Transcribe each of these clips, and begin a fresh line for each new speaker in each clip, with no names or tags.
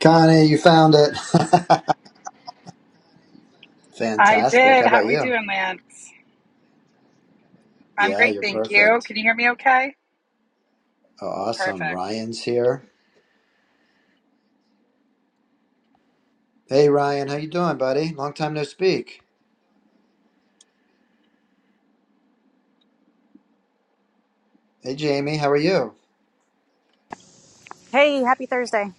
Connie, you found it.
I
Fantastic.
did.
How
How
about
we
you?
doing, Lance? I'm
Yeah,
great,
you're
thank you.
perfect.
Can you hear me okay?
Oh, awesome.
Perfect.
Ryan's here. Hey, Ryan, how you doing, buddy? Long time no speak. Hey, Jamie, how are you?
Hey, happy Thursday.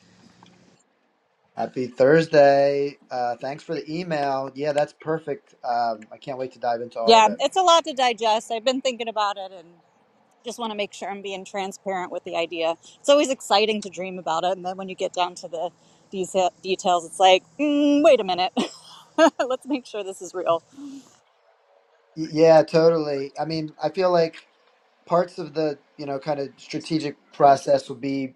Happy Thursday. Uh, thanks for the email. Yeah, that's perfect. Um, I can't wait to dive into all of
Yeah,
it.
it's a lot to digest. I've been thinking about it and just want to make sure I'm being transparent with the idea. It's always exciting to dream about it, and then when you get down to the these details, it's like, mm, wait a minute, let's make sure this is real.
Y- yeah, totally. I mean, I feel like parts of the you know kind of strategic process will be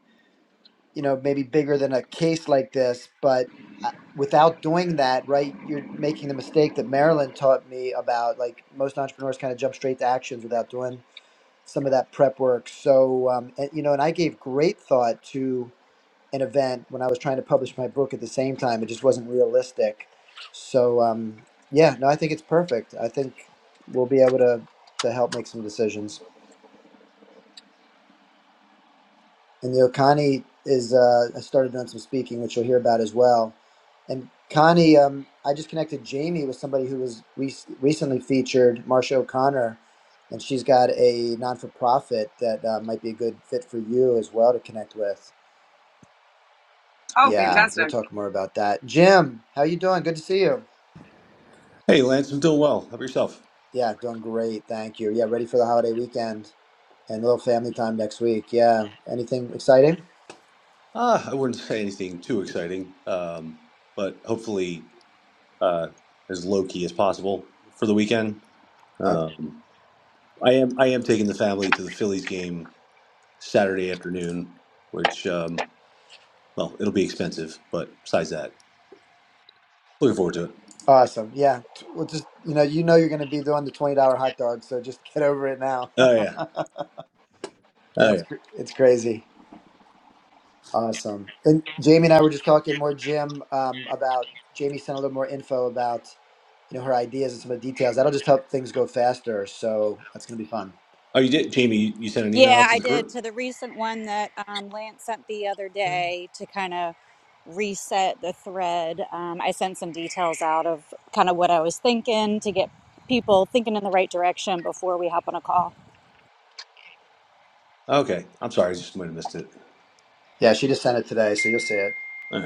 you know maybe bigger than a case like this but uh, without doing that right you're making the mistake that marilyn taught me about like most entrepreneurs kind of jump straight to actions without doing some of that prep work so um, and, you know and i gave great thought to an event when i was trying to publish my book at the same time it just wasn't realistic so um, yeah no i think it's perfect i think we'll be able to to help make some decisions And you know, Connie is uh, I started doing some speaking, which you'll hear about as well. And Connie, um, I just connected Jamie with somebody who was re- recently featured, Marsha O'Connor, and she's got a non-for-profit that uh, might be a good fit for you as well to connect with.
Oh,
Yeah, we'll
fantastic.
talk more about that. Jim, how you doing? Good to see you.
Hey, Lance, I'm doing well. How about yourself?
Yeah, doing great, thank you. Yeah, ready for the holiday weekend and a little family time next week. Yeah, anything exciting?
Ah, I wouldn't say anything too exciting, um, but hopefully uh, as low key as possible for the weekend. Um, I am I am taking the family to the Phillies game Saturday afternoon, which um, well, it'll be expensive, but besides that, looking forward to it.
Awesome. Yeah. T- Well, just you know, you know, you're going to be doing the twenty dollar hot dog, so just get over it now.
Oh yeah,
yeah,
oh
it's
yeah.
cr- it's crazy. Awesome. And Jamie and I were just talking more, Jim, um, about Jamie sent a little more info about you know her ideas and some of the details. That'll just help things go faster. So that's going to be fun.
Oh, you did, Jamie. You you sent an email
Yeah,
out to
I
the
did
group.
to the recent one that um, Lance sent the other day to kind of reset the thread. Um, I sent some details out of kind of what I was thinking to get people thinking in the right direction before we hop on a call.
Okay, I'm sorry, I just might have missed
Yeah, she just sent it today, so you'll see it.
it.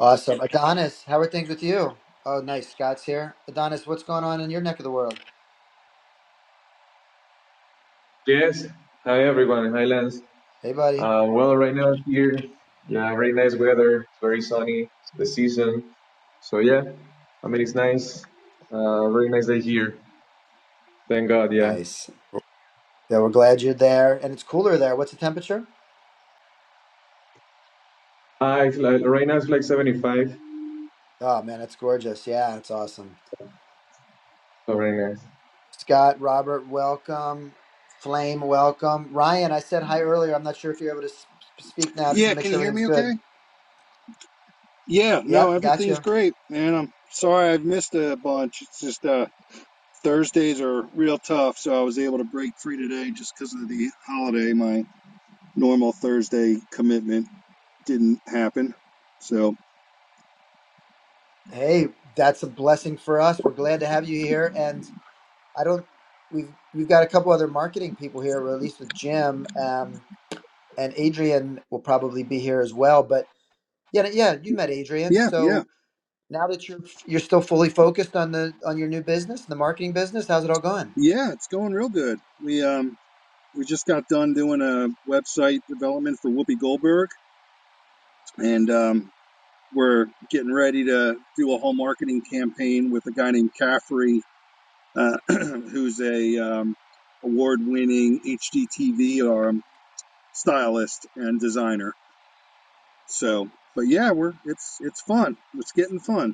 Awesome. Adonis, how are things with you? Oh, nice. Scott's here. Adonis, what's going on in your neck of the world?
Yes. Hi, everyone. Hi, Lance.
Hey, buddy.
Uh, well, right now here, yeah, very nice weather. It's very sunny, the season. So, yeah, I mean, it's nice. Uh, very nice day here. Thank God, yeah.
Nice. Yeah, we're glad you're there, and it's cooler there. What's the temperature?
Uh, it's like, right now it's like 75.
Oh man, it's gorgeous. Yeah, it's awesome.
So, very nice.
Scott, Robert, welcome. Flame, welcome. Ryan, I said hi earlier. I'm not sure if you're able to s- speak now. Just want
Yeah,
to make
can you
sure
hear
everything's
me okay?
good.
Yeah, no,
Yep,
everything's
gotcha.
great, man. I'm sorry I've missed a bunch. It's just uh Thursdays are real tough, so I was able to break free today just because of the holiday. My normal Thursday commitment didn't happen. So,
Hey, that's a blessing for us. We're glad to have you here. And I don't. We've you've got a couple other marketing people here, or at least with Jim um, and Adrian will probably be here as well. But yeah, yeah, you met Adrian.
yeah, yeah.
So now that you're you're still fully focused on the on your new business, the marketing business, how's it all going?
Yeah, it's going real good. We um we just got done doing a website development for Whoopi Goldberg and um we're getting ready to do a whole marketing campaign with a guy named Caffrey uh, who's a um, award-winning HGTV um, stylist and designer. So, but yeah, we're it's it's fun. It's getting fun.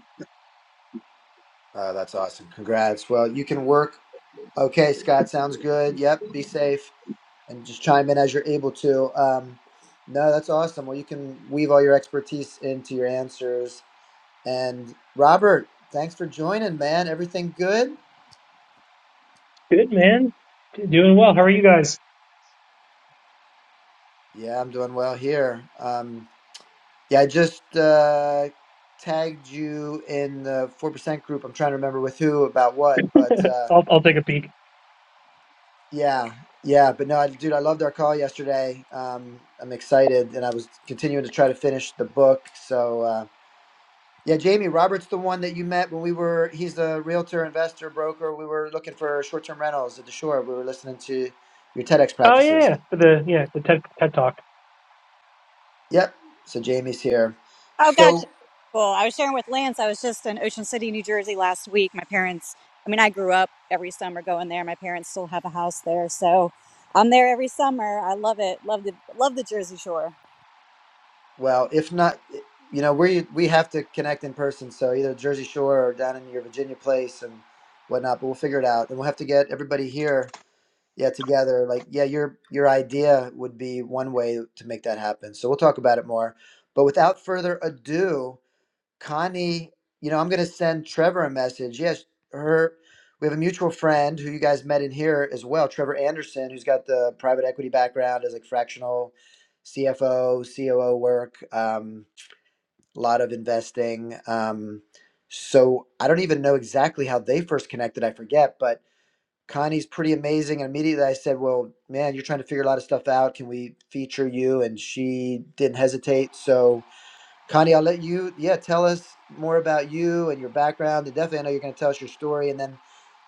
Uh, that's awesome. Congrats. Well, you can work. Okay, Scott, sounds good. Yep, be safe and just chime in as you're able to. Um, no, that's awesome. Well, you can weave all your expertise into your answers. And Robert, thanks for joining, man. Everything good?
Good man, doing well. How are you guys?
Yeah, I'm doing well here. Um, yeah, I just uh, tagged you in the 4% group. I'm trying to remember with who about what, but. uh,
I'll I'll take a peek.
Yeah, yeah, but no, I, dude, I loved our call yesterday. Um, I'm excited, and I was continuing to try to finish the book. So, uh, yeah, Jamie Roberts, the one that you met when we were, he's a realtor, investor, broker. We were looking for short-term rentals at the shore. We were listening to your TEDx
Oh
practices.
yeah, for the yeah the TED TED Talk.
Yep. So Jamie's here.
Oh, gotcha.
So,
Cool. I was sharing with Lance. I was just in Ocean City, New Jersey last week. My parents, I mean, I grew up every summer going there. My parents still have a house there. So I'm there every summer. I love it. Love the, love the Jersey Shore.
well, if not, you know, we we have to connect in person. So either Jersey Shore or down in your Virginia place and whatnot. But we'll figure it out, and we'll have to get everybody here yeah together like yeah your your idea would be one way to make that happen so we'll talk about it more but without further ado connie you know i'm going to send trevor a message yes her we have a mutual friend who you guys met in here as well trevor anderson who's got the private equity background as like fractional cfo coo work um, a lot of investing um, so i don't even know exactly how they first connected i forget but Connie's pretty amazing. And immediately I said, Well, man, you're trying to figure a lot of stuff out. Can we feature you? And she didn't hesitate. So, Connie, I'll let you, yeah, tell us more about you and your background. And definitely, I know you're going to tell us your story. And then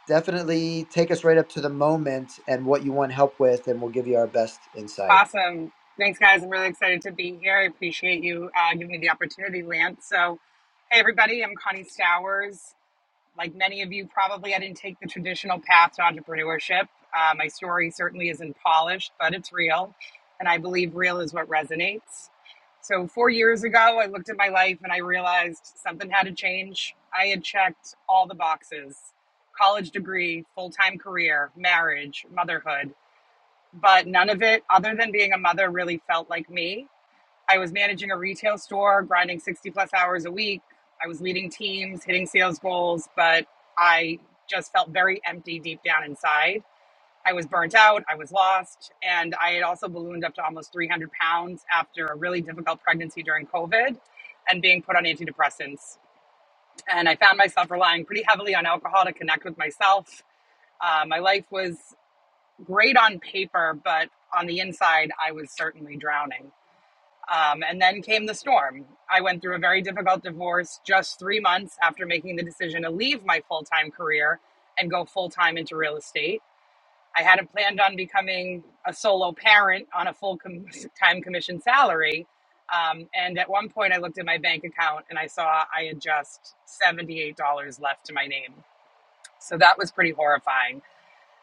definitely take us right up to the moment and what you want help with. And we'll give you our best insight.
Awesome. Thanks, guys. I'm really excited to be here. I appreciate you uh, giving me the opportunity, Lance. So, hey, everybody, I'm Connie Stowers. Like many of you, probably I didn't take the traditional path to entrepreneurship. Uh, my story certainly isn't polished, but it's real. And I believe real is what resonates. So, four years ago, I looked at my life and I realized something had to change. I had checked all the boxes college degree, full time career, marriage, motherhood, but none of it, other than being a mother, really felt like me. I was managing a retail store, grinding 60 plus hours a week. I was leading teams, hitting sales goals, but I just felt very empty deep down inside. I was burnt out, I was lost, and I had also ballooned up to almost 300 pounds after a really difficult pregnancy during COVID and being put on antidepressants. And I found myself relying pretty heavily on alcohol to connect with myself. Uh, my life was great on paper, but on the inside, I was certainly drowning. Um, and then came the storm. I went through a very difficult divorce just three months after making the decision to leave my full time career and go full time into real estate. I hadn't planned on becoming a solo parent on a full time commission salary. Um, and at one point, I looked at my bank account and I saw I had just $78 left to my name. So that was pretty horrifying.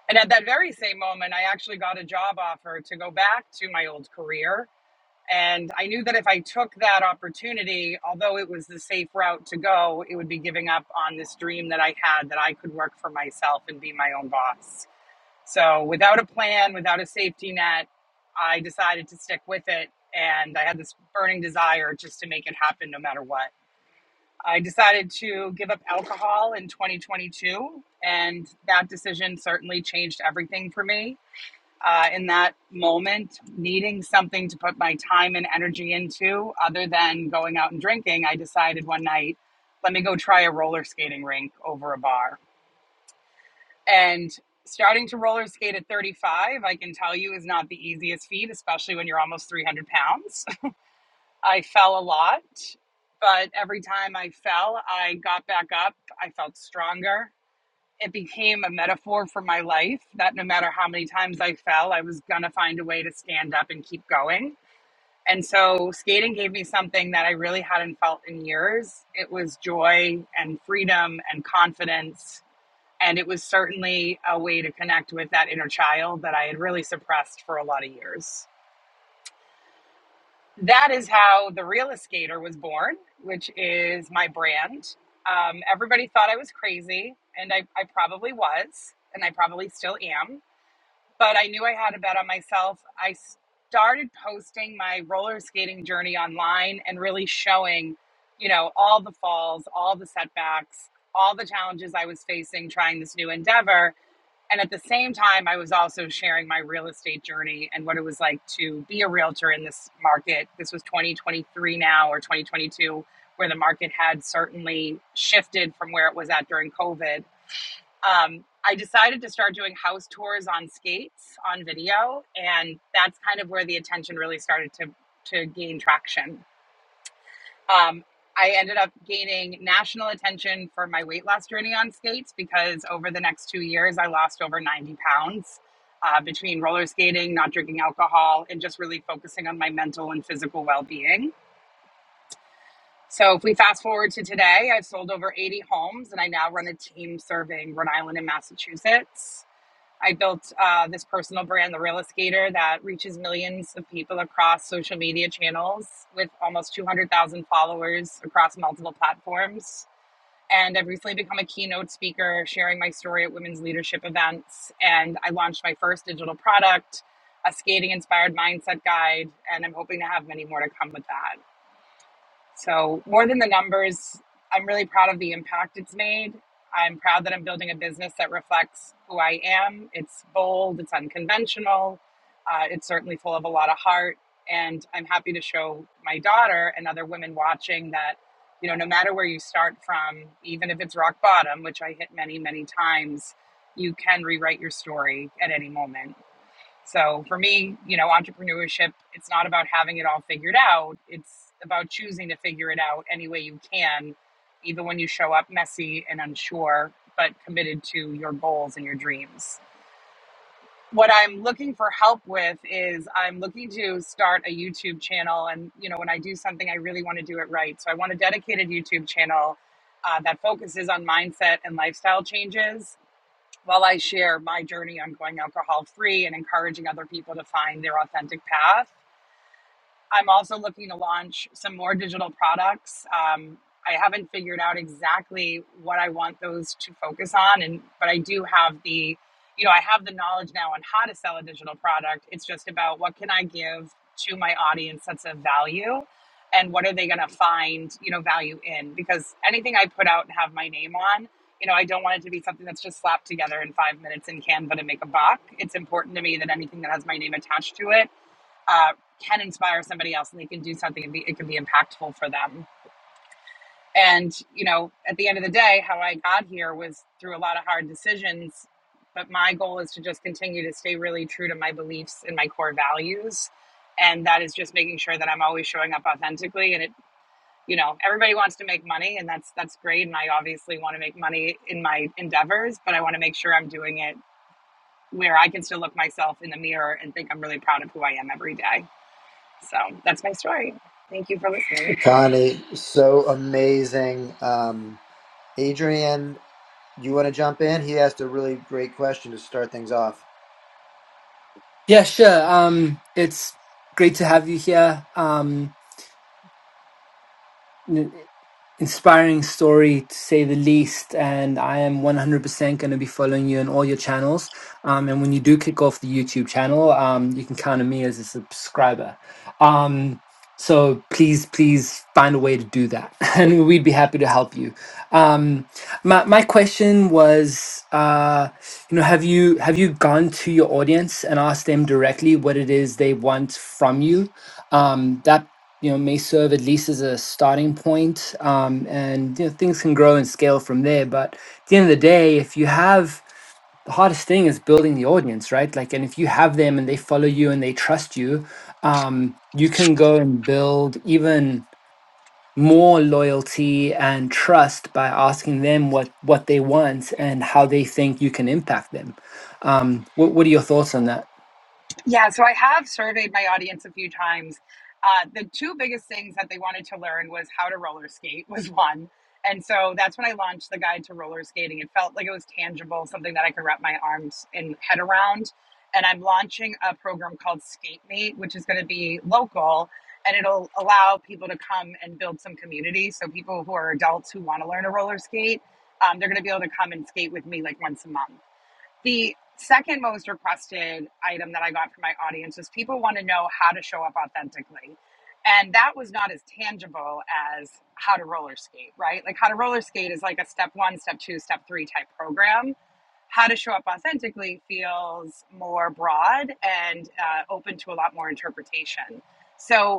And at that very same moment, I actually got a job offer to go back to my old career and I knew that if I took that opportunity, although it was the safe route to go, it would be giving up on this dream that I had that I could work for myself and be my own boss. So, without a plan, without a safety net, I decided to stick with it. And I had this burning desire just to make it happen no matter what. I decided to give up alcohol in 2022, and that decision certainly changed everything for me uh, in that moment, needing something to put my time and energy into other than going out and drinking, I decided one night, let me go try a roller skating rink over a bar. And starting to roller skate at 35, I can tell you, is not the easiest feat, especially when you're almost 300 pounds. I fell a lot, but every time I fell, I got back up. I felt stronger it became a metaphor for my life that no matter how many times I fell, I was going to find a way to stand up and keep going. And so skating gave me something that I really hadn't felt in years. It was joy and freedom and confidence. And it was certainly a way to connect with that inner child that I had really suppressed for a lot of years. That is how the realist skater was born, which is my brand. Um, everybody thought I was crazy, and I, I probably was, and I probably still am but I knew I had a bet on myself. I started posting my roller skating journey online and really showing, you know, all the falls, all the setbacks, all the challenges I was facing trying this new endeavor. And at the same time, I was also sharing my real estate journey and what it was like to be a realtor in this market. This was 2023 now or 2022, where the market had certainly shifted from where it was at during COVID um, I decided to start doing house tours on skates on video, and that's kind of where the attention really started to to gain traction. Um, I ended up gaining national attention for my weight loss journey on skates because over the next two years, I lost over 90 pounds uh, between roller skating, not drinking alcohol, and just really focusing on my mental and physical well being. So, if we fast forward to today, I've sold over 80 homes and I now run a team serving Rhode Island and Massachusetts I built uh, this personal brand, The Real Escator, that reaches millions of people across social media channels with almost 200,000 followers across multiple platforms. And I've recently become a keynote speaker, sharing my story at women's leadership events. And I launched my first digital product, a skating inspired mindset guide. And I'm hoping to have many more to come with that. So, more than the numbers, I'm really proud of the impact it's made. I'm proud that I'm building a business that reflects who I am. It's bold, it's unconventional, uh, it's certainly full of a lot of heart. And I'm happy to show my daughter and other women watching that, you know, no matter where you start from, even if it's rock bottom, which I hit many, many times, you can rewrite your story at any moment. So for me, you know, entrepreneurship, it's not about having it all figured out. It's about choosing to figure it out any way you can, even when you show up messy and unsure, but committed to your goals and your dreams. What I'm looking for help with is I'm looking to start a YouTube channel. And, you know, when I do something, I really want to do it right. So I want a dedicated YouTube channel uh, that focuses on mindset and lifestyle changes while I share my journey on going alcohol free and encouraging other people to find their authentic path I'm also looking to launch some more digital products. Um, I haven't figured out exactly what I want those to focus on, and but I do have the, you know, I have the knowledge now on how to sell a digital product. It's just about what can I give to my audience that's of value, and what are they going to find, you know, value in? Because anything I put out and have my name on, you know, I don't want it to be something that's just slapped together in five minutes in Canva to make a buck. It's important to me that anything that has my name attached to it uh, can inspire somebody else and they can do something and be, it can be impactful for them. And, you know, at the end of the day, how I got here was through a lot of hard decisions. But my goal is to just continue to stay really true to my beliefs and my core values. And that is just making sure that I'm always showing up authentically. And it, you know, everybody wants to make money and that's, that's great. And I obviously want to make money in my endeavors, but I want to make sure I'm doing it where I can still look myself in the mirror and think I'm really proud of who I am every day. So that's my story. Thank you for listening.
Connie, so amazing. Um, Adrian, do you want to jump in? He asked a really great question to start things off.
Yeah, sure. Um, it's great to have you here. Um, inspiring story to say the least and i am 100% going to be following you on all your channels um, and when you do kick off the youtube channel um, you can count on me as a subscriber um, so please please find a way to do that and we'd be happy to help you um, my, my question was uh, you know have you have you gone to your audience and asked them directly what it is they want from you um, that you know may serve at least as a starting point um, and you know things can grow and scale from there but at the end of the day if you have the hardest thing is building the audience right like and if you have them and they follow you and they trust you um, you can go and build even more loyalty and trust by asking them what what they want and how they think you can impact them um, what, what are your thoughts on that
Yeah, so I have surveyed my audience a few times. Uh, the two biggest things that they wanted to learn was how to roller skate was one. And so that's when I launched the guide to roller skating. It felt like it was tangible, something that I could wrap my arms and head around. And I'm launching a program called Skate Mate, which is going to be local and it'll allow people to come and build some community. So people who are adults who want to learn to roller skate um, they're going to be able to come and skate with me like once a month. The second most requested item that I got from my audience was people want to know how to show up authentically. And that was not as tangible as how to roller skate, right? Like how to roller skate is like a step one, step two, step three type program. How to show up authentically feels more broad and uh, open to a lot more interpretation. So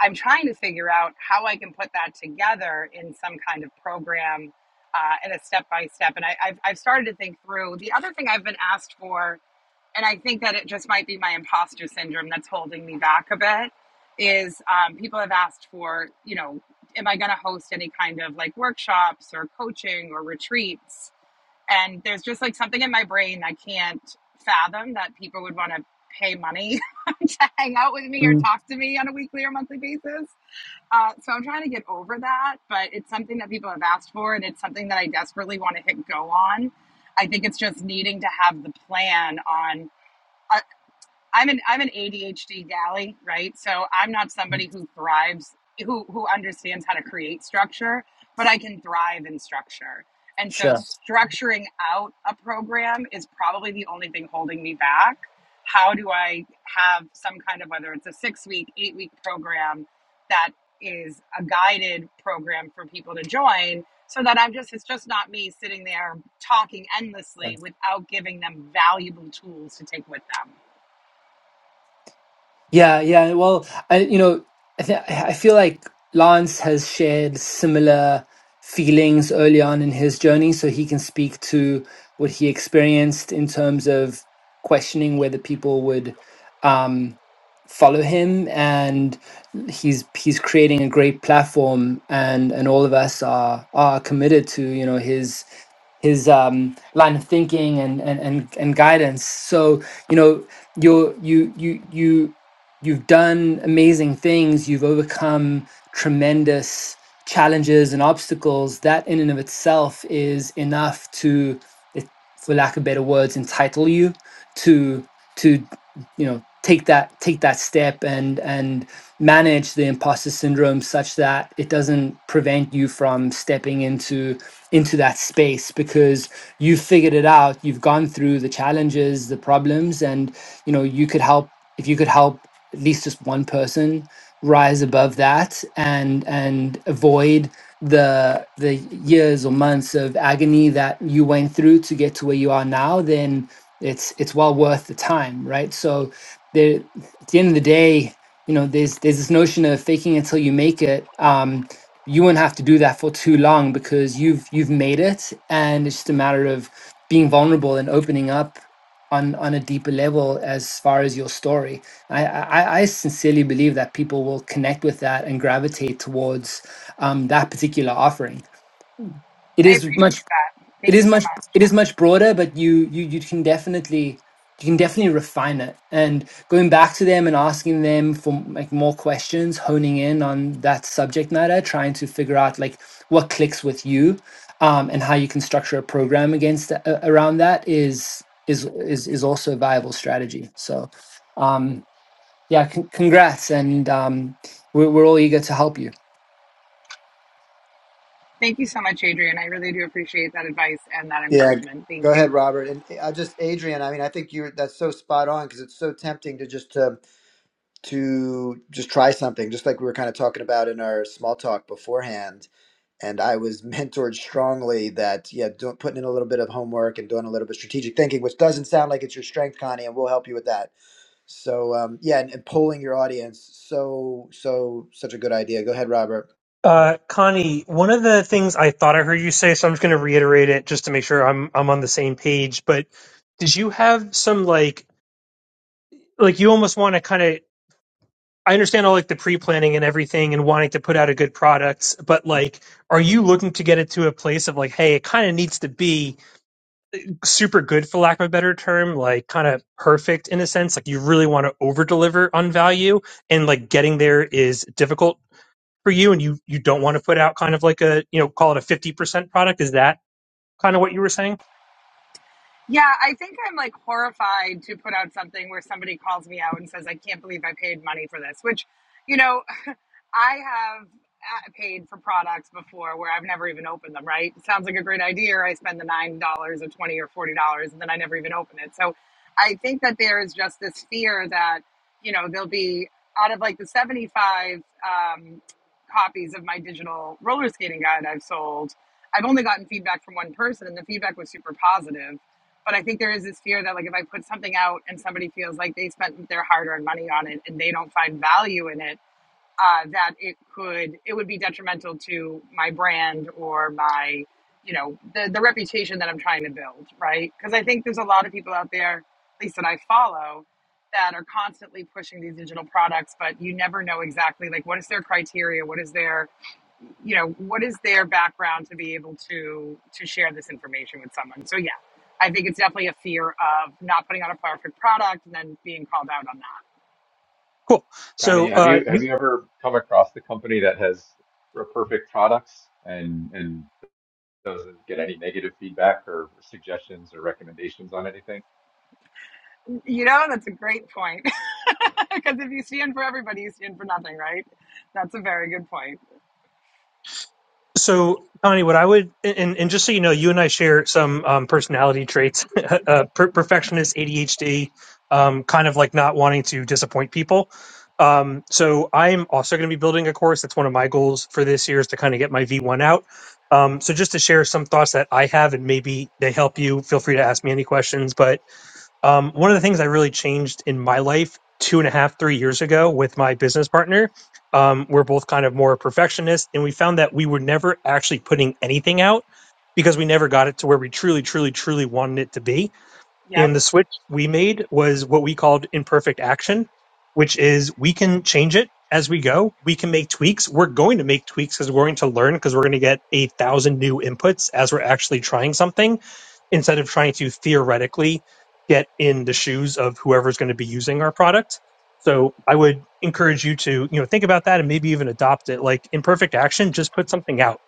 I'm trying to figure out how I can put that together in some kind of program uh, and a step by step. And I, I've, I've started to think through the other thing I've been asked for, and I think that it just might be my imposter syndrome that's holding me back a bit. Is um, people have asked for, you know, am I going to host any kind of like workshops or coaching or retreats? And there's just like something in my brain that can't fathom that people would want to pay money to hang out with me or
Mm,
talk to me on a weekly or monthly basis. Uh, so I'm trying to get over that, but it's something that people have asked for, and it's something that I desperately want to hit go on. I think it's just needing to have the plan on. uh, I'm an I'm an ADHD galley, right? So I'm not somebody who thrives who who understands how to create structure, but I can thrive in structure. And so
sure
structuring out a program is probably the only thing holding me back. How do I have some kind of whether it's a 6 week, 8 week program that is a guided program for people to join so that I'm just it's just not me sitting there talking
Yeah.
endlessly without giving them valuable tools to take with them.
Yeah, yeah. Well, I you know, I th I feel like Lance has shared similar feelings early on in his journey, so he can speak to what he experienced in terms of questioning whether people would um, follow him, and he's he's creating a great platform, and and all of us are are committed to you know his his um, line of thinking and, and and and guidance. So you know you're you you you you've done amazing things. You've overcome tremendous challenges and obstacles. That in and of itself is enough to, it- for lack of better words, entitle you to to you know take that take that step and and manage the imposter syndrome such that it doesn't prevent you from stepping into into that space because you've figured it out you've gone through the challenges the problems and you know you could help if you could help at least just one person rise above that and and avoid the the years or months of agony that you went through to get to where you are now then it's it's well worth the time right so there at the end of the day you know there's there's this notion of faking until you make it Um, you won't have to do that for too long because you've you've made it and it's just a matter of being vulnerable and opening up on on a deeper level as far as your story i i, I sincerely believe that people will connect with that and gravitate towards um, that particular offering it
I
is much
appreciate that.
it
Thank you
is
so
much
much.
it is much broader but you you you can definitely you can definitely refine it and going back to them and asking them for like more questions honing in on that subject matter trying to figure out like what clicks with you um, and how you can structure a program against tha- a- around that is is is is also a viable strategy so um yeah con- congrats and um we're, we're all eager to help you
Thank you so much, Adrian. I really do appreciate that advice and that
Yeah, g-
encouragement.
go
Thank
ahead,
you.
Robert. And eh, I just Adrian, I mean, I think you're that's so spot on because it's so tempting to just to to just try something, just like we were kind of talking about in our small talk beforehand. And I was mentored strongly that yeah, doing, putting in a little bit of homework and doing a little bit of strategic thinking, which doesn't sound like it's your strength, Connie, and we'll help you with that. So um, yeah, and, and polling your audience, so so such a good idea. Go ahead, Robert.
Uh, Connie, one of the things I thought I heard you say, so I'm just going to reiterate it just to make sure I'm I'm on the same page. But did you have some like like you almost want to kind of I understand all like the pre planning and everything and wanting to put out a good product, but like, are you looking to get it to a place of like, hey, it kind of needs to be super good for lack of a better term like kind of perfect in a sense like you really want to over deliver on value and like getting there is difficult for you and you you don't want to put out kind of like a you know call it a 50% product is that kind of what you were saying
Yeah, I think I'm like horrified to put out something where somebody calls me out and says, I can't believe I paid money for this, which, you know, I have uh, paid for products before where I've never even opened them, right? It sounds like a great idea. I spend the $9 or 20 dollars or $40 and then I never even open it. So I think that there is just this fear that, you know, there'll be out of like the 75 um, copies of my digital roller skating guide I've sold, I've only gotten feedback from one person and the feedback was super positive but I think there is this fear that like if I put something out and somebody feels like they spent their hard-earned money on it and they don't find value in it, uh, that it could it would be detrimental to my brand or my you know the the reputation that I'm trying to build, right? Because I think there's a lot of people out there, at least that I follow, that are constantly pushing these digital products, but you never know exactly like what is their criteria, what is their you know what is their background to be able to to share this information with someone. So yeah, I think it's definitely a fear of not putting out a perfect product and then being called out on that.
cool
Connie,
so
have
uh
you
you
have you ever come across the company that has r- perfect products and and doesn't get any negative feedback or suggestions or recommendations on anything?
You know, that's a great point. Because if you stand for everybody, you stand for nothing, right? That's a very good point.
So, Connie, what I would, and, and just so you know, you and I share some um, personality traits uh, per- perfectionist, ADHD, um, kind of like not wanting to disappoint people. Um, so, I'm also going to be building a course. That's one of my goals for this year is to kind of get my V1 out. Um, so, just to share some thoughts that I have, and maybe they help you, feel free to ask me any questions. But um, one of the things I really changed in my life two and a half, three years ago with my business partner, um, we're both kind of more perfectionists, and we found that we were never actually putting anything out because we never got it to where we truly, truly, truly wanted it to be
Yep.
in the switch we made was what we called imperfect action, which is we can change it as we go. We can make tweaks. We're going to make tweaks because we're going to learn because we're going to get a thousand new inputs as we're actually trying something instead of trying to theoretically get in the shoes of whoever's going to be using our product. So I would encourage you to, you know, think about that and maybe even adopt it. Like imperfect action, just put something out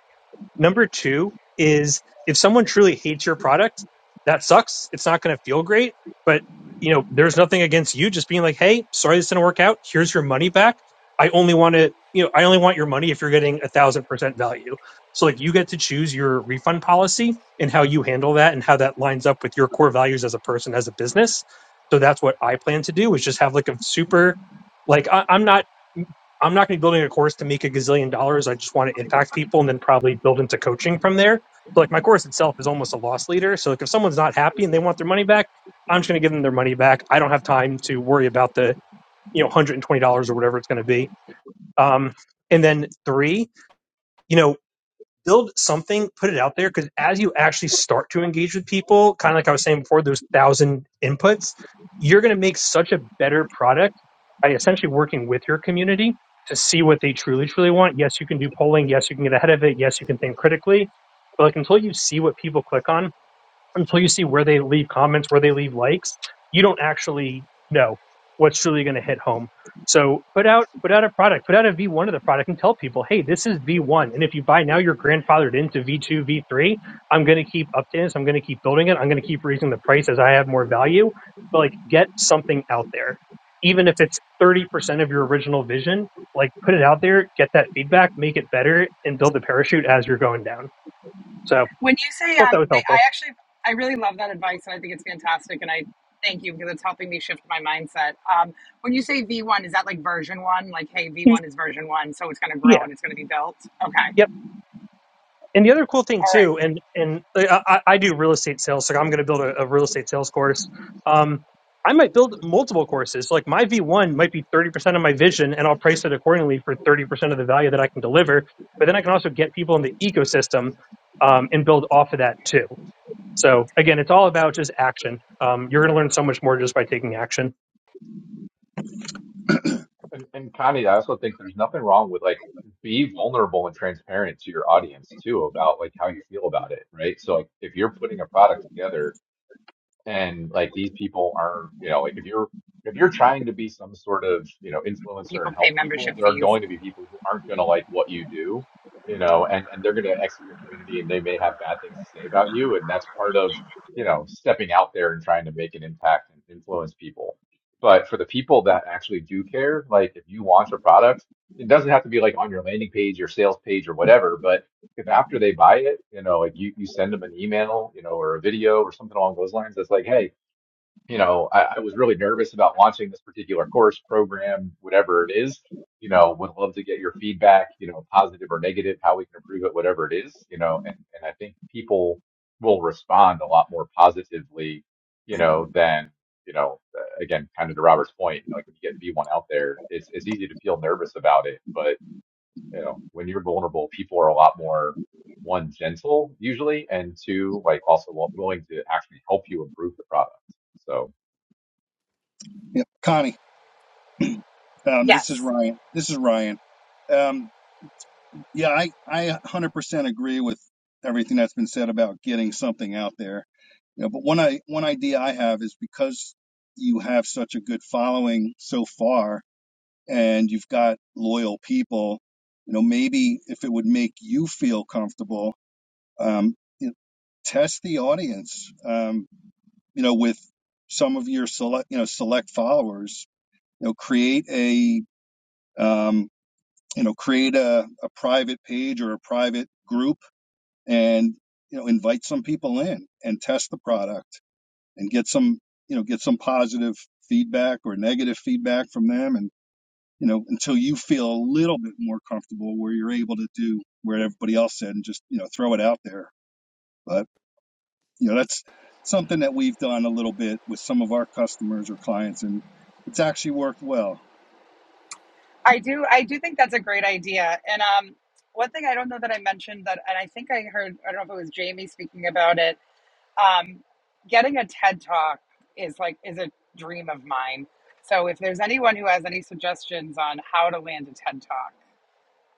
Number two is if someone truly hates your product, that sucks. It's not going to feel great, but you know, there's nothing against you just being like, Hey, sorry, this didn't work out. Here's your money back. I only want to, you know, I only want your money if you're getting a thousand percent value. So like you get to choose your refund policy and how you handle that and how that lines up with your core values as a person, as a business. So that's what I plan to do is just have like a super, like I, I'm not I'm not going to be building a course to make a gazillion dollars. I just want to impact people and then probably build into coaching from there. So like my course itself is almost a loss leader. So like if someone's not happy and they want their money back, I'm just going to give them their money back. I don't have time to worry about the you know $120 or whatever it's going to be. Um, and then three, you know, build something, put it out there. Because as you actually start to engage with people, kind of like I was saying before, those thousand inputs, you're going to make such a better product by essentially working with your community to see what they truly, truly want. Yes, you can do polling. Yes, you can get ahead of it. Yes, you can think critically. But like until you see what people click on, until you see where they leave comments, where they leave likes, you don't actually know what's truly going to hit home. So put out put out a product, put out a V1 of the product, and tell people, hey, this is V1, and if you buy now, you're grandfathered into V2, V3. I'm going to keep updating this. I'm going to keep building it. I'm going to keep raising the price as I have more value. But like, get something out there, even if it's 30% of your original vision. Like, put it out there, get that feedback, make it better, and build the parachute as you're going down. So
When you say,
hope
um,
that was
they,
helpful.
I actually, I really love that advice, and I think it's fantastic, and I thank you because it's helping me shift my mindset. Um, when you say V1, is that like version one? Like, hey,
Y-
V1 is version one, so it's going to
Yeah. Yep.
grow and it's going to be built? Okay.
And the other cool thing
All
too,
right.
and and I, I I do real estate sales, so I'm going to build a, a real estate sales course. Um, I might build multiple courses. Like my V1 might be 30% of my vision, and I'll price it accordingly for 30% of the value that I can deliver. But then I can also get people in the ecosystem um, and build off of that too. So again, it's all about just action. Um, you're going to learn so much more just by taking action.
And, and Connie, I also think there's nothing wrong with like be vulnerable and transparent to your audience too about like how you feel about it, right? So like if you're putting a product together and like these people are you know like if you're if you're trying to be some sort of you know influencer
People
and
pay
help people
membership
there are
fees.
going to be people who aren't going to like what you do you know and and they're going to exit your community and they may have bad things to say about you and that's part of you know stepping out there and trying to make an impact and influence people but for the people that actually do care like if you launch a product it doesn't have to be like on your landing page your sales page or whatever but if after they buy it, you know, like you, you send them an email, you know, or a video or something along those lines that's like, hey, you know, I, I was really nervous about launching this particular course, program, whatever it is. You know, would love to get your feedback, you know, positive or negative, how we can improve it, whatever it is, you know, and, and I think people will respond a lot more positively, you know, than, you know, uh, again, kind of to Robert's point, you know, like when you get V1 out there, it's, it's easy to feel nervous about it, but you know, when you're vulnerable, people are a lot more one gentle usually, and two like also willing to actually help you improve the product. So.
Yeah, Connie, um, this is
Yes.
Ryan. This is Ryan. Um, yeah, I I 100% agree with everything that's been said about getting something out there. You know, but one I one idea I have is because you have such a good following so far and you've got loyal people, you know, maybe if it would make you feel comfortable, um, you- know, test the audience, um, you know, with some of your select, you know, select followers, you know, create a, um, you know, create a, a private page or a private group and, you know, invite some people in and test the product and get some, you know, get some positive feedback or negative feedback from them and you know, until you feel a little bit more comfortable where you're able to do where everybody else said and just, you know, throw it out there. But, you know, that's something that we've done a little bit with some of our customers or clients and it's actually worked well.
I do. I do think that's a great idea. And um, one thing I don't know that I mentioned that, and I think I heard. I don't know if it was Jamie speaking about it. Um, getting a TED talk is like is a dream of mine. So if there's anyone who has any suggestions on how to land a TED talk,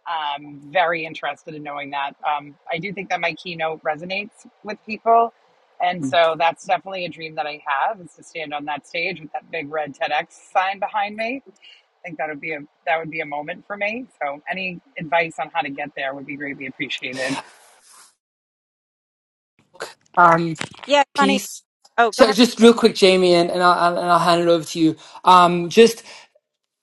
I'm very interested in knowing that. Um, I do think that my keynote resonates with people. And so that's definitely a dream that I have is to stand on that stage with that big red TEDx sign behind me think that would be a that would be a moment for me. So any advice on how to get there would be greatly appreciated.
um
Yeah, Connie.
piece.
Oh, go
So
ahead.
just real
Jen.
quick, Jamie, and, and, I'll, and I'll hand it over to you. Um, just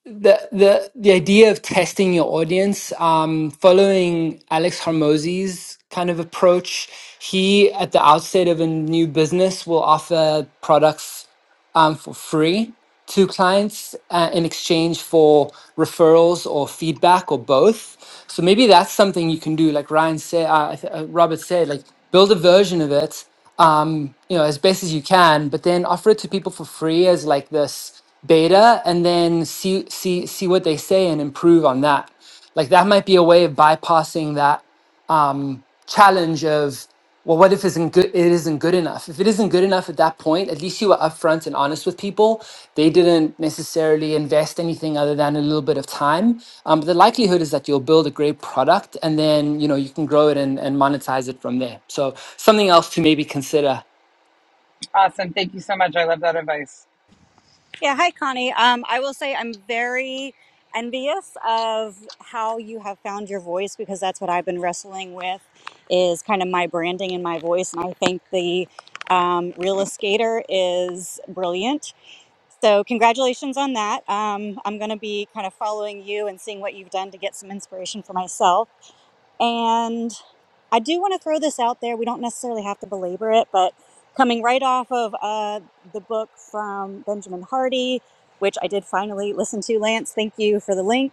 the, the, the idea of testing your audience, um, following Alex Hormozzi's kind of approach, he at the outset of a new business will offer products um, for free to clients uh, in exchange for referrals or feedback or both. So maybe that's something you can do, like Ryan said, uh, I th- uh, Robert said, like build a version of it, um, you know, as best as you can, but then offer it to people for free as like this beta, and then see see see what they say and improve on that. Like that might be a way of bypassing that um, challenge of well what if it isn't good it isn't good enough if it isn't good enough at that point at least you were upfront and honest with people they didn't necessarily invest anything other than a little bit of time um, but the likelihood is that you'll build a great product and then you know you can grow it and, and monetize it from there so something else to maybe consider
Awesome. Thank you so much. I love that advice.
Yeah. Hi, Connie. Um, I will say I'm very envious of how you have found your voice because that's what I've been wrestling with is kind of my branding and my voice. And I think the um, real skater is brilliant So, congratulations on that. Um, I'm going to be kind of following you and seeing what you've done to get some inspiration for myself. And I do want to throw this out there. We don't necessarily have to belabor it, but coming right off of uh, the book from Benjamin Hardy, which I did finally listen to, Lance, thank you for the link.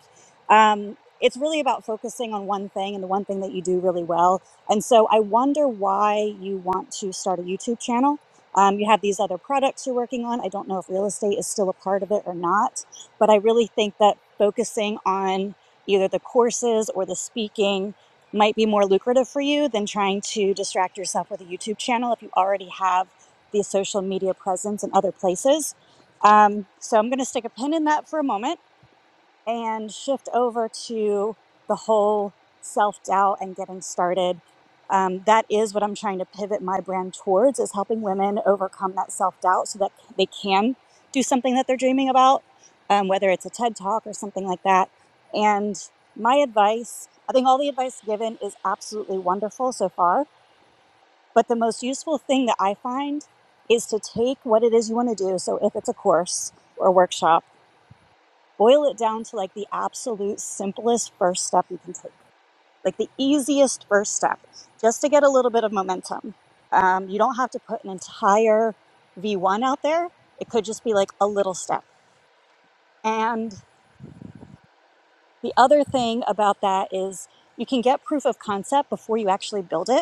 Um, it's really about focusing on one thing and the one thing that you do really well. And so I wonder why you want to start a YouTube channel. Um, you have these other products you're working on. I don't know if real estate is still a part of it or not, but I really think that focusing on either the courses or the speaking might be more lucrative for you than trying to distract yourself with a YouTube channel if you already have the social media presence in other places. Um, so I'm going to stick a pin in that for a moment and shift over to the whole self doubt and getting started. Um, that is what I'm trying to pivot my brand towards is helping women overcome that self doubt so that they can do something that they're dreaming about, um, whether it's a TED talk or something like that. And my advice, I think all the advice given is absolutely wonderful so far. But the most useful thing that I find is to take what it is you want to do. So if it's a course or workshop boil it down to like the absolute simplest first step you can take, like the easiest first step, just to get a little bit of momentum. Um, you don't have to put an entire V1 out there, it could just be like a little step. And the other thing about that is you can get proof of concept before you actually build it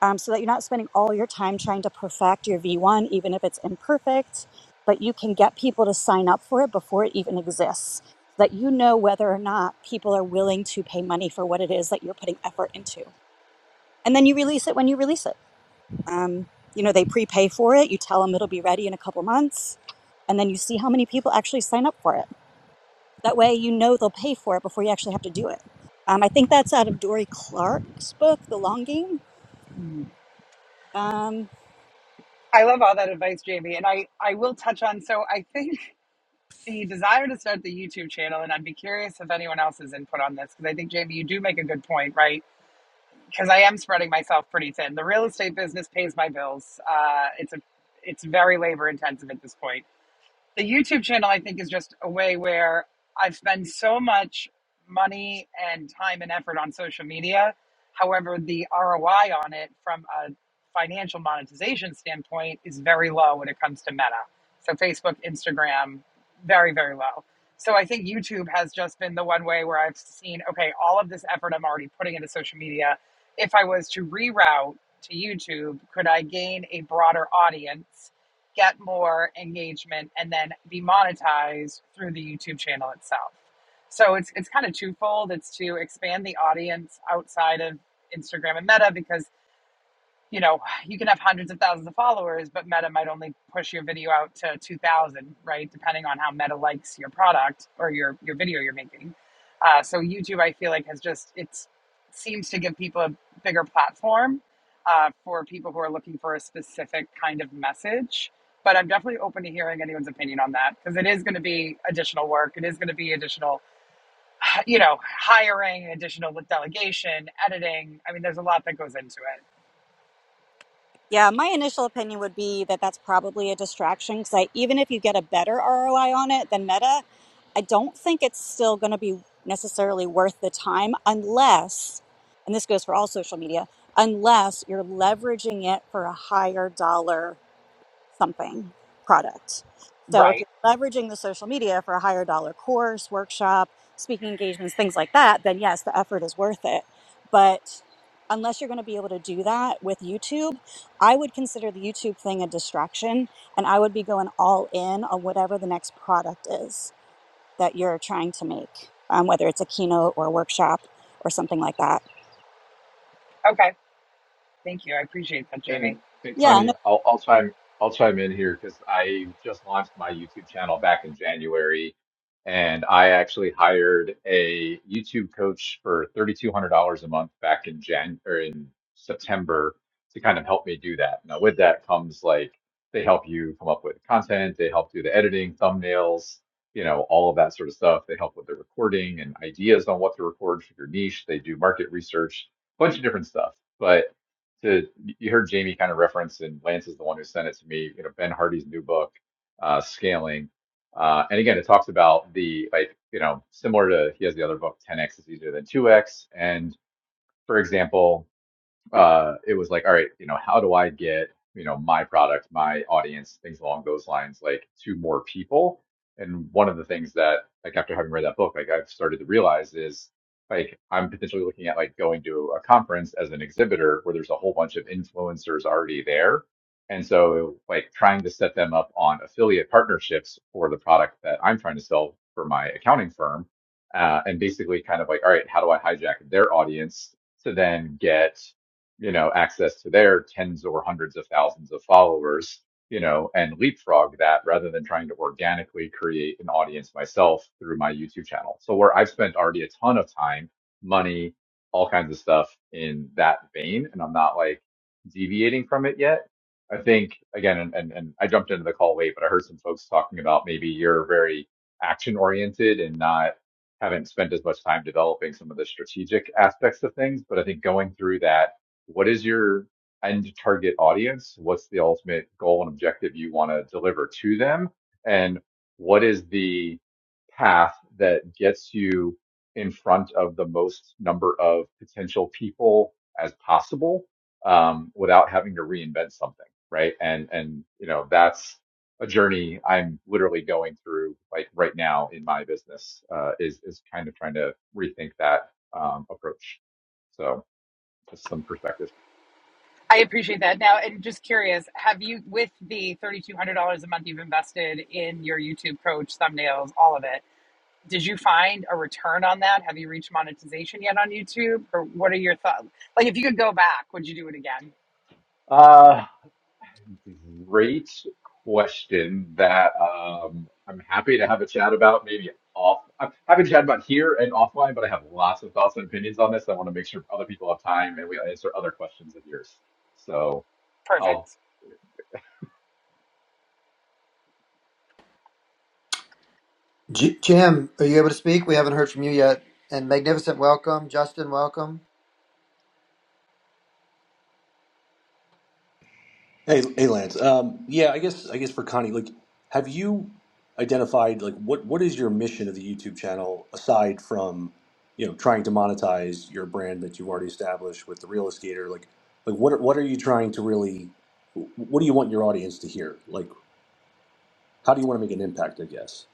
um, so that you're not spending all your time trying to perfect your V1, even if it's imperfect, but you can get people to sign up for it before it even exists so that you know whether or not people are willing to pay money for what it is that you're putting effort into. And then you release it when you release it. Um, you know, they prepay for it, you tell them it'll be ready in a couple months, and then you see how many people actually sign up for it. That way, you know they'll pay for it before you actually have to do it. Um, I think that's out of Dory Clark's book, The Long Game.
Mm.
Um,
I love all that advice, JB. And I, I will touch on so I think the desire to start the YouTube channel, and I'd be curious if anyone else's input on this, because I think Jamie, you do make a good point, right? Because I am spreading myself pretty thin. The real estate business pays my bills. Uh, it's a it's very labor intensive at this point the YouTube channel, I think, is just a way where I spend so much money and time and effort on social media. However, the ROI on it from a financial monetization standpoint is very low when it comes to Meta. So, Facebook, Instagram, very, very low. So, I think YouTube has just been the one way where I've seen, okay, all of this effort I'm already putting into social media, if I was to reroute to YouTube, could I gain a broader audience? get more engagement and then be monetized through the YouTube channel itself. So it's it's kind of twofold. It's to expand the audience outside of Instagram and Meta because you know, you can have hundreds of thousands of followers, but Meta might only push your video out to 2,000, right? Depending on how Meta likes your product or your, your video you're making. Uh, so YouTube, I feel like has just, it's seems to give people a bigger platform uh, for people who are looking for a specific kind of message. But I'm definitely open to hearing anyone's opinion on that because it is going to be additional work. It is going to be additional, you know, hiring, additional delegation, editing. I mean, there's a lot that goes into it.
Yeah, my initial opinion would be that that's probably a distraction because I, even if you get a better ROI on it than Meta, I don't think it's still going to be necessarily worth the time unless, and this goes for all social media, unless you're leveraging it for a higher dollar something product. So if
Right.
you're leveraging the social media for a higher dollar course, workshop, speaking engagements, things like that, then yes, the effort is worth it. But unless you're going to be able to do that with YouTube, I would consider the YouTube thing a distraction and I would be going all in on whatever the next product is that you're trying to make, um, whether it's a keynote or a workshop or something like that.
Okay. Thank you. I appreciate that,
And
Jamie.
and
Yeah,
Connie, I'll I'll chime I'll chime in here because I just launched my YouTube channel back in January, and I actually hired a YouTube coach for $3,200 a month back in Jan or in September to kind of help me do that. Now, with that comes like they help you come up with content, they help do the editing, thumbnails, you know, all of that sort of stuff. They help with the recording and ideas on what to record for your niche. They do market research, bunch of different stuff, but to you heard Jamie kind of reference, and Lance is the one who sent it to me. You know, Ben Hardy's new book, uh, Scaling, uh, and again, it talks about the like you know similar to he has the other book, 10x is easier than 2x, and for example uh, it was like, all right, you know, how do I get, you know, my product, my audience, things along those lines, like to more people? And one of the things that, like, after having read that book, like, I've started to realize is, like, I'm potentially looking at like going to a conference as an exhibitor where there's a whole bunch of influencers already there. And so, like, trying to set them up on affiliate partnerships for the product that I'm trying to sell for my accounting firm. Uh, and basically, kind of like, all right, how do I hijack their audience to then get you know, access to their tens or hundreds of thousands of followers, you know, and leapfrog that rather than trying to organically create an audience myself through my YouTube channel. So where I've spent already a ton of time, money, all kinds of stuff in that vein, and I'm not like deviating from it yet. I think again, and, and, and I jumped into the call late, but I heard some folks talking about maybe you're very action oriented and not haven't spent as much time developing some of the strategic aspects of things. But I think going through that what is your end target audience? What's the ultimate goal and objective you want to deliver to them? And what is the path that gets you in front of the most number of potential people as possible um, without having to reinvent something, right? And and you know that's a journey I'm literally going through like right now in my business uh, is is kind of trying to rethink that um, approach. So just some perspective.
I appreciate that. Now, and just curious, have you, with the $3,200 a month you've invested in your YouTube coach, thumbnails, all of it, did you find a return on that? Have you reached monetization yet on YouTube? Or what are your thoughts? Like, if you could go back, would you do it again?
Uh, great question that um, I'm happy to have a chat about. Maybe off, I'm happy to chat about here and offline, but I have lots of thoughts and opinions on this. I want to make sure other people have time and we answer other questions of yours. So
Perfect.
I'll
J- Jim, are you able to speak? We haven't heard from you yet. And magnificent welcome, Justin, welcome.
Hey, hey, Lance. Um, yeah, I guess I guess for Connie, like, have you identified like what what is your mission of the YouTube channel aside from you know trying to monetize your brand that you've already established with the real escator? Like, like what are- what are you trying to really? What do you want your audience to hear? Like, how do you want to make an impact? I guess.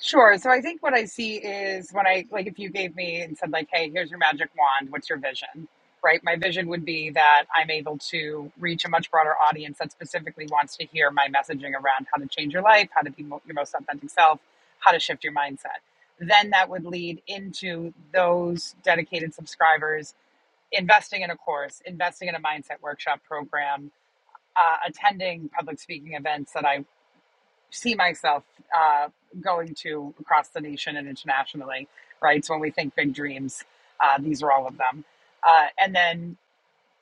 Sure. So I think what I see is when I like if you gave me and said like, "Hey, here's your magic wand. What's your vision?" Right? My vision would be that I'm able to reach a much broader audience that specifically wants to hear my messaging around how to change your life, how to be mo- your most authentic self, how to shift your mindset. Then that would lead into those dedicated subscribers investing in a course, investing in a mindset workshop program, uh, attending public speaking events that I see myself uh, going to across the nation and internationally, right? So when we think big dreams, uh, these are all of them. Uh, and then,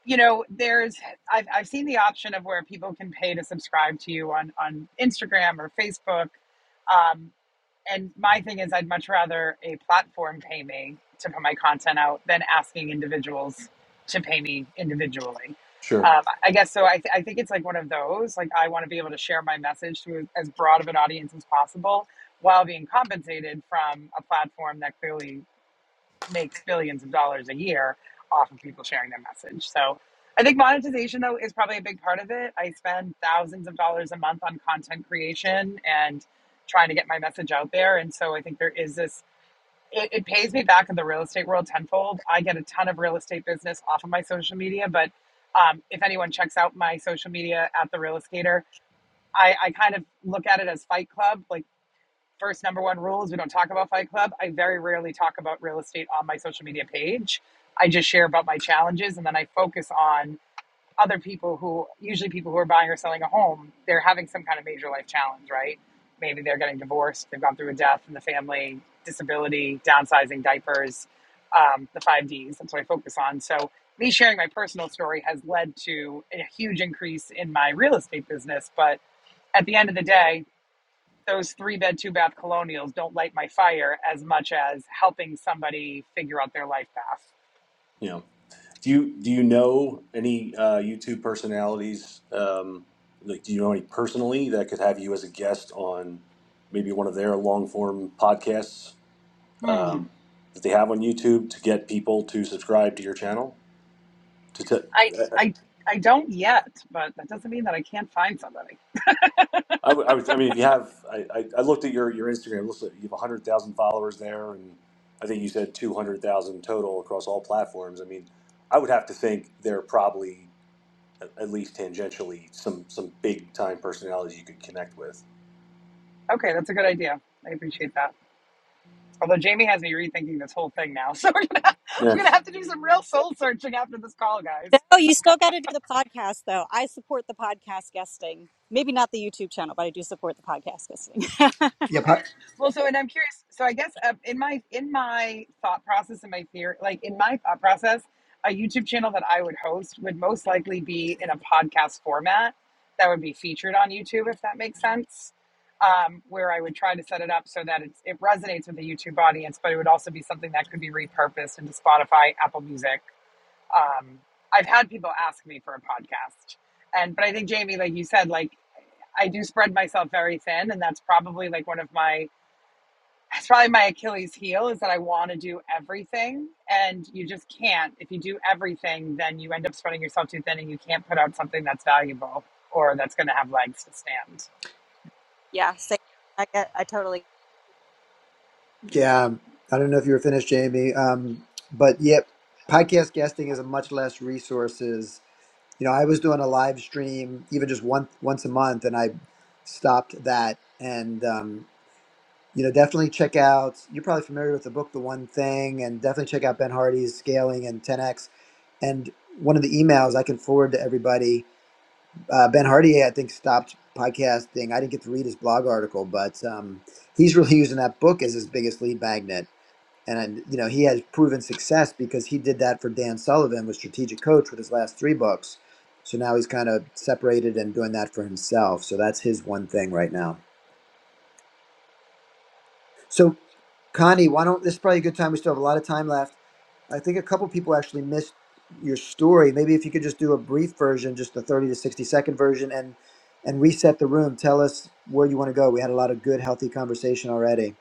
you know, there's, I've, I've seen the option of where people can pay to subscribe to you on, on Instagram or Facebook. Um, and my thing is, I'd much rather a platform pay me to put my content out than asking individuals to pay me individually.
Sure.
Um, I guess so. I, th- I think it's like one of those. Like, I want to be able to share my message to as broad of an audience as possible while being compensated from a platform that clearly makes billions of dollars a year off of people sharing their message. So I think monetization though is probably a big part of it. I spend thousands of dollars a month on content creation and trying to get my message out there. And so I think there is this it, it pays me back in the real estate world tenfold. I get a ton of real estate business off of my social media, but um, if anyone checks out my social media at the real estater, I, I kind of look at it as fight club. Like first number one rule is we don't talk about Fight Club. I very rarely talk about real estate on my social media page. I just share about my challenges and then I focus on other people who, usually people who are buying or selling a home, they're having some kind of major life challenge, right? Maybe they're getting divorced, they've gone through a death in the family, disability, downsizing, diapers, um, the five Ds. That's what I focus on. So, me sharing my personal story has led to a huge increase in my real estate business. But at the end of the day, those three bed, two bath colonials don't light my fire as much as helping somebody figure out their life path.
Yeah. Do you do you know any uh, YouTube personalities? Um, like, do you know any personally that could have you as a guest on maybe one of their long form podcasts
Hmm.
um, that they have on YouTube to get people to subscribe to your channel? To t-
I,
uh,
I, I don't yet, but that doesn't mean that I can't find somebody.
I, would- I, would- I mean, if you have, I, I, I looked at your your Instagram. It looks like you have hundred thousand followers there, and I think you said two hundred thousand total across all platforms. I mean, I would have to think they're probably at, least tangentially some some big time personalities you could connect with.
Okay, that's a good idea. I appreciate that. Although Jamie has me rethinking this whole thing now, so we're gonna,
Yeah.
I'm gonna have to do some real soul searching after this call, guys.
No, you still got to do the podcast, though. I support the podcast guesting. Maybe not the YouTube channel, but I do support the podcast guesting.
Yep.
Well, so and I'm curious. So I guess uh, in my in my thought process and my fear, like in my thought process, a YouTube channel that I would host would most likely be in a podcast format that would be featured on YouTube, if that makes sense. Um, where I would try to set it up so that it's, it resonates with the YouTube audience, but it would also be something that could be repurposed into Spotify, Apple Music. Um, I've had people ask me for a podcast, and but I think Jamie, like you said, like I do spread myself very thin, and that's probably like one of my that's probably my Achilles heel is that I want to do everything and you just can't. If you do everything, then you end up spreading yourself too thin and you can't put out something that's valuable or that's going to have legs to stand.
yeah, same. I, get, I totally
Yeah, I don't know if you were finished, Jamie. Um, but yep, podcast guesting is a much less resources. You know, I was doing a live stream even just once once a month, and I stopped that. And um, you know, definitely check out. You're probably familiar with the book, The One Thing, and definitely check out Ben Hardy's Scaling and 10x. And one of the emails I can forward to everybody. Uh, ben Hardy, I think, stopped podcasting. I didn't get to read his blog article, but um, he's really using that book as his biggest lead magnet and you know he has proven success because he did that for Dan Sullivan with Strategic Coach with his last three books. So now he's kind of separated and doing that for himself. So that's his one thing right now. So Connie, why don't this is probably a good time? We still have a lot of time left. I think a couple people actually missed your story. Maybe if you could just do a brief version, just the thirty to sixty second version, and and reset the room. Tell us where you want to go. We had a lot of good, healthy conversation already.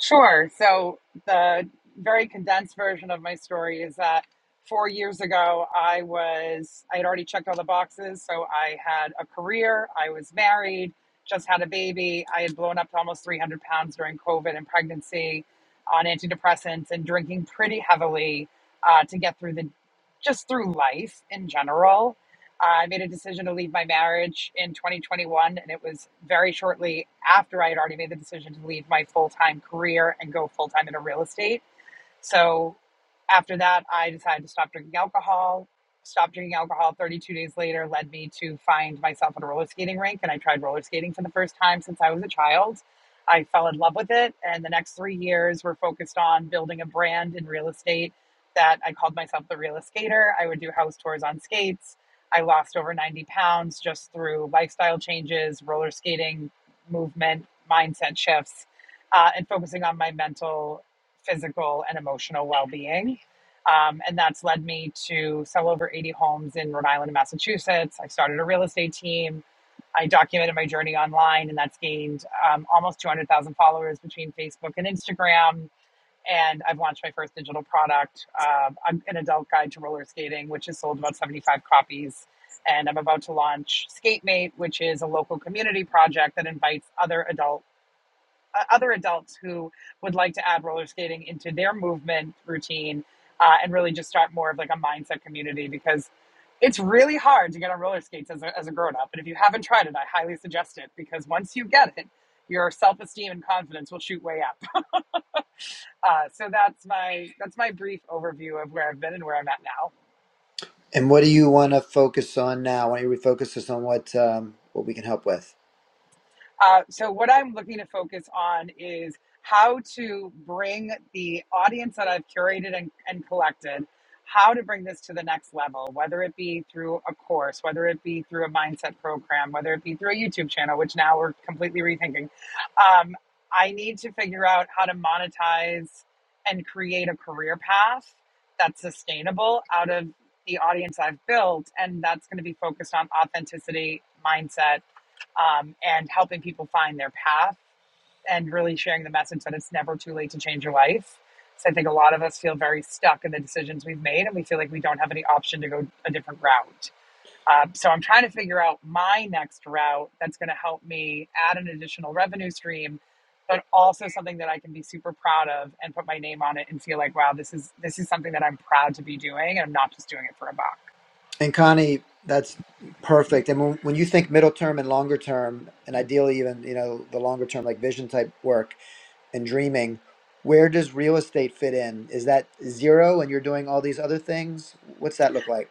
Sure. So, the very condensed version of my story is that four years ago, I was, I had already checked all the boxes. So, I had a career, I was married, just had a baby. I had blown up to almost 300 pounds during COVID and pregnancy on antidepressants and drinking pretty heavily uh, to get through the, just through life in general. Uh, I made a decision to leave my marriage in 2021, and it was very shortly after I had already made the decision to leave my full time career and go full time into real estate so after that, I decided to stop drinking alcohol. Stopped drinking alcohol 32 days later led me to find myself at a roller skating rink, and I tried roller skating for the first time since I was a child. I fell in love with it, and the next three years were focused on building a brand in real estate that I called myself the Real Skater. I would do house tours on skates. I lost over 90 pounds just through lifestyle changes, roller skating, movement, mindset shifts, uh, and focusing on my mental physical and emotional well-being um, and that's led me to sell over 80 homes in rhode island and massachusetts i started a real estate team i documented my journey online and that's gained um, almost 200000 followers between facebook and instagram and i've launched my first digital product um, an adult guide to roller skating which has sold about 75 copies and i'm about to launch skatemate which is a local community project that invites other adult uh, other adults who would like to add roller skating into their movement routine uh, and really just start more of like a mindset community because it's really hard to get on roller skates as a, as a grown up. And if you haven't tried it, I highly suggest it because once you get it, your self esteem and confidence will shoot way up. Uh, so that's my that's my brief overview of where I've been and where I'm at now.
And what do you want to focus on now? Why don't you refocus us on what um, what we can help with?
Uh, so what I'm looking to focus on is how to bring the audience that I've curated and, and collected, how to bring this to the next level, whether it be through a course, whether it be through a mindset program, whether it be through a YouTube channel, which now we're completely rethinking. Um, I need to figure out how to monetize and create a career path that's sustainable out of the audience I've built. And that's going to be focused on authenticity, mindset, um, and helping people find their path and really sharing the message that it's never too late to change your life. So I think a lot of us feel very stuck in the decisions we've made and we feel like we don't have any option to go a different route. Uh, so I'm trying to figure out my next route that's going to help me add an additional revenue stream, but also something that I can be super proud of and put my name on it and feel like, wow, this is this is something that I'm proud to be doing and I'm not just doing it for a buck.
And Connie, that's perfect. And when, when you think middle term and longer term, and ideally even you know the longer term like vision type work and dreaming, where does real estate fit in? Is that zero, and you're doing all these other things? What's that look like?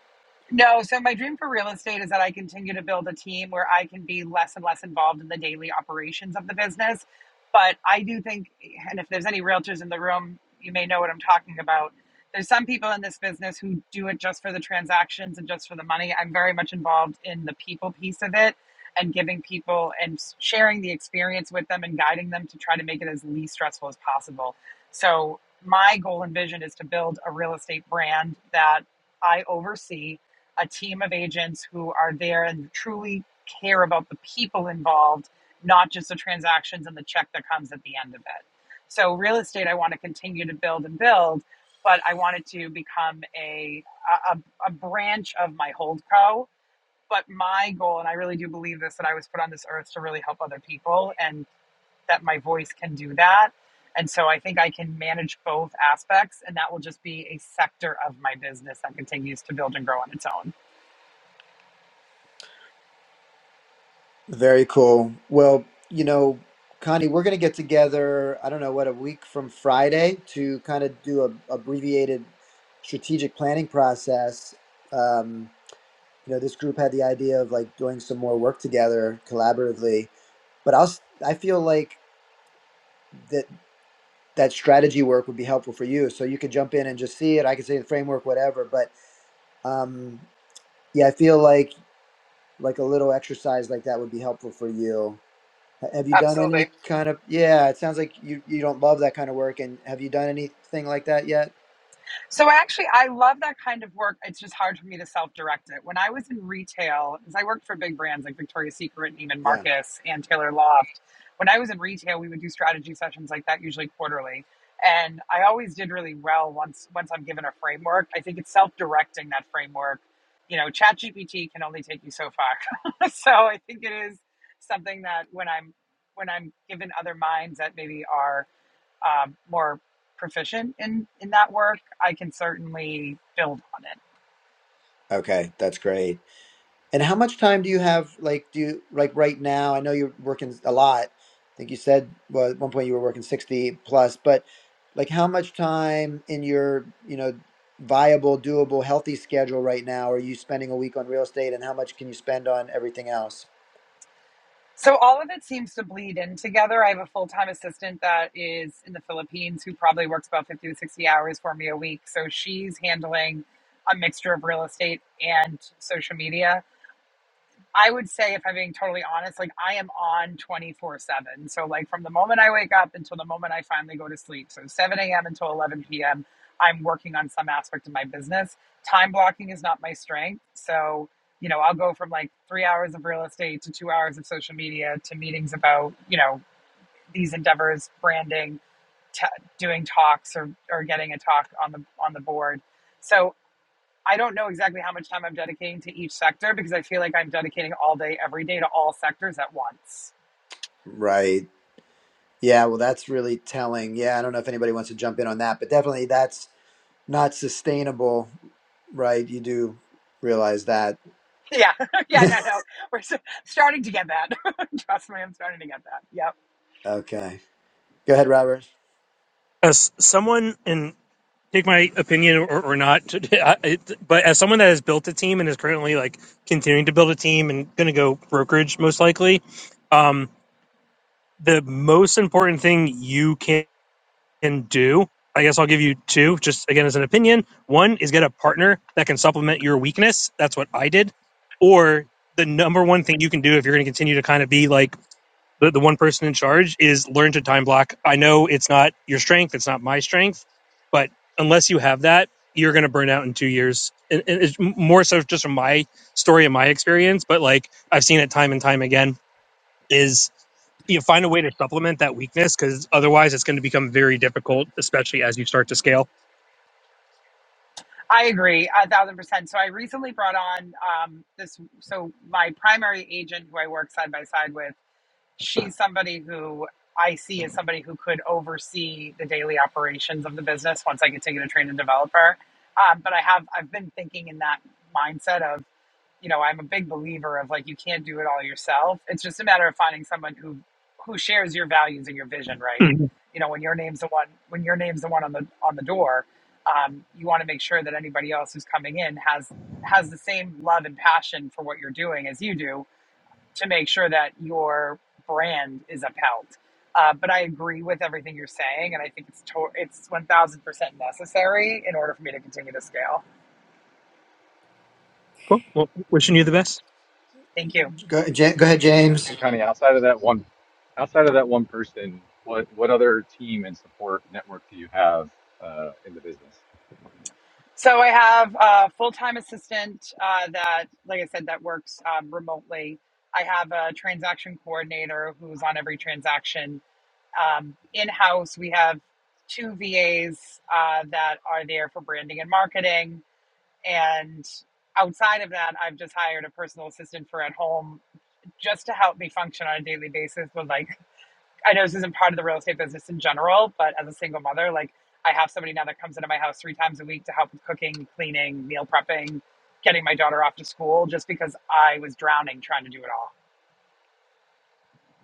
No, so my dream for real estate is that I continue to build a team where I can be less and less involved in the daily operations of the business. But I do think, and if there's any realtors in the room, you may know what I'm talking about. There's some people in this business who do it just for the transactions and just for the money. I'm very much involved in the people piece of it and giving people and sharing the experience with them and guiding them to try to make it as least stressful as possible. So, my goal and vision is to build a real estate brand that I oversee a team of agents who are there and truly care about the people involved, not just the transactions and the check that comes at the end of it. So, real estate, I want to continue to build and build, but I want it to become a, a, a branch of my hold co. But my goal, and I really do believe this, that I was put on this earth to really help other people and that my voice can do that. And so I think I can manage both aspects, and that will just be a sector of my business that continues to build and grow on its own.
Very cool. Well, you know, Connie, we're going to get together, I don't know, what, a week from Friday to kind of do a abbreviated strategic planning process. Um, you know, this group had the idea of like doing some more work together collaboratively, but I'll, s- I feel like that that strategy work would be helpful for you. So you could jump in and just see it. I could say the framework, whatever, but um, yeah, I feel like like a little exercise like that would be helpful for you Ha- Have you done
Absolutely.
any kind of yeah, it sounds like you you don't love that kind of work and have you done anything like that yet?
So actually, I love that kind of work. It's just hard for me to self-direct it. When I was in retail, because I worked for big brands like Victoria's Secret, and Neiman
Yeah.
Marcus, and Taylor Loft. When I was in retail, we would do strategy sessions like that, usually quarterly. And I always did really well once once I'm given a framework. I think it's self-directing that framework. You know, ChatGPT can only take you so far. so I think it is something that when I'm when I'm given other minds that maybe are um, more proficient in in that work, I can certainly build on it.
Okay, that's great. And how much time do you have like do you like right now? I know you're working a lot. I think you said well at one point you were working 60 plus, but like how much time in your, you know, viable, doable, healthy schedule right now are you spending a week on real estate and how much can you spend on everything else?
So all of it seems to bleed in together. I have a full time assistant that is in the Philippines who probably works about fifty to sixty hours for me a week. So she's handling a mixture of real estate and social media I would say, if I'm being totally honest, like I am on 24 7. So, like from the moment I wake up until the moment I finally go to sleep, so 7 a.m. until 11 p.m., I'm working on some aspect of my business. Time blocking is not my strength. So, you know, I'll go from like three hours of real estate to two hours of social media to meetings about, you know, these endeavors, branding, t- doing talks or, or getting a talk on the on the board. So I don't know exactly how much time I'm dedicating to each sector because I feel like I'm dedicating all day, every day to all sectors at once.
Right. Yeah, well that's really telling. Yeah, I don't know if anybody wants to jump in on that, but definitely that's not sustainable, right? You do realize that.
Yeah, yeah, no, no. We're s- starting to get that. Trust me, I'm starting to get that. Yep.
Okay. Go ahead, Robert.
as someone and take my opinion or, or not I- it- but as someone that has built a team and is currently like continuing to build a team and going to go brokerage most likely um, the most important thing you can do i guess i'll give you two just again as an opinion one is get a partner that can supplement your weakness that's what i did or the number one thing you can do if you're going to continue to kind of be like the, the one person in charge is learn to time block. I know it's not your strength, it's not my strength, but unless you have that, you're going to burn out in two years. And, and it's more so just from my story and my experience, but like I've seen it time and time again is you know, find a way to supplement that weakness because otherwise it's going to become very difficult, especially as you start to scale.
I agree a thousand percent. So I recently brought on um, this. So my primary agent, who I work side by side with. she's somebody who I see as somebody who could oversee the daily operations of the business once I continue to train and develop her. Um, but I have I've been thinking in that mindset of you know I'm a big believer of like you can't do it all yourself. It's just a matter of finding someone who who shares your values and your vision, right?
Mhm.
You know when your name's the one when your name's the one on the on the door, um, you want to make sure that anybody else who's coming in has has the same love and passion for what you're doing as you do to make sure that your brand is upheld. Uh, but I agree with everything you're saying, and I think it's to- it's one thousand percent necessary in order for me to continue to scale.
Cool. Well, wishing you the best.
Thank you.
Go, Ja- go ahead, James.
kind of outside of that one, outside of that one person, what what other team and support network do you have uh, in the business?
So I have a full time assistant uh, that, like I said, that works um, remotely. I have a transaction coordinator who's on every transaction. Um, in house, we have two VAs uh, that are there for branding and marketing And outside of that, I've just hired a personal assistant for at home just to help me function on a daily basis. With like, I know this isn't part of the real estate business in general, but as a single mother, like I have somebody now that comes into my house three times a week to help with cooking, cleaning, meal prepping, getting my daughter off to school, just because I was drowning trying to do it all.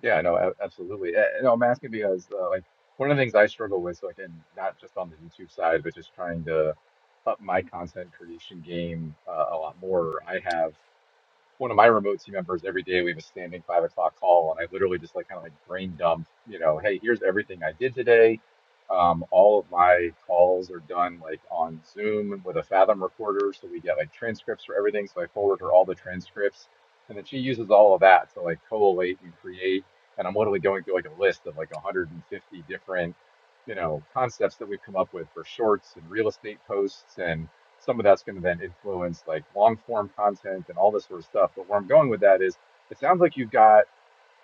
Yeah, no, a- absolutely. Uh, No, I'm asking because uh, like one of the things I struggle with, so again, not just on the YouTube side, but just trying to up my content creation game uh, a lot more. I have one of my remote team members every day we have a standing five o'clock call and i literally just like kind of like brain dump you know hey here's everything i did today um, all of my calls are done like on zoom with a fathom recorder so we get like transcripts for everything so i forward her all the transcripts and then she uses all of that to like collate and create and i'm literally going through like a list of like 150 different you know concepts that we've come up with for shorts and real estate posts and some of that's going to then influence like long form content and all this sort of stuff. But where I'm going with that is it sounds like you've got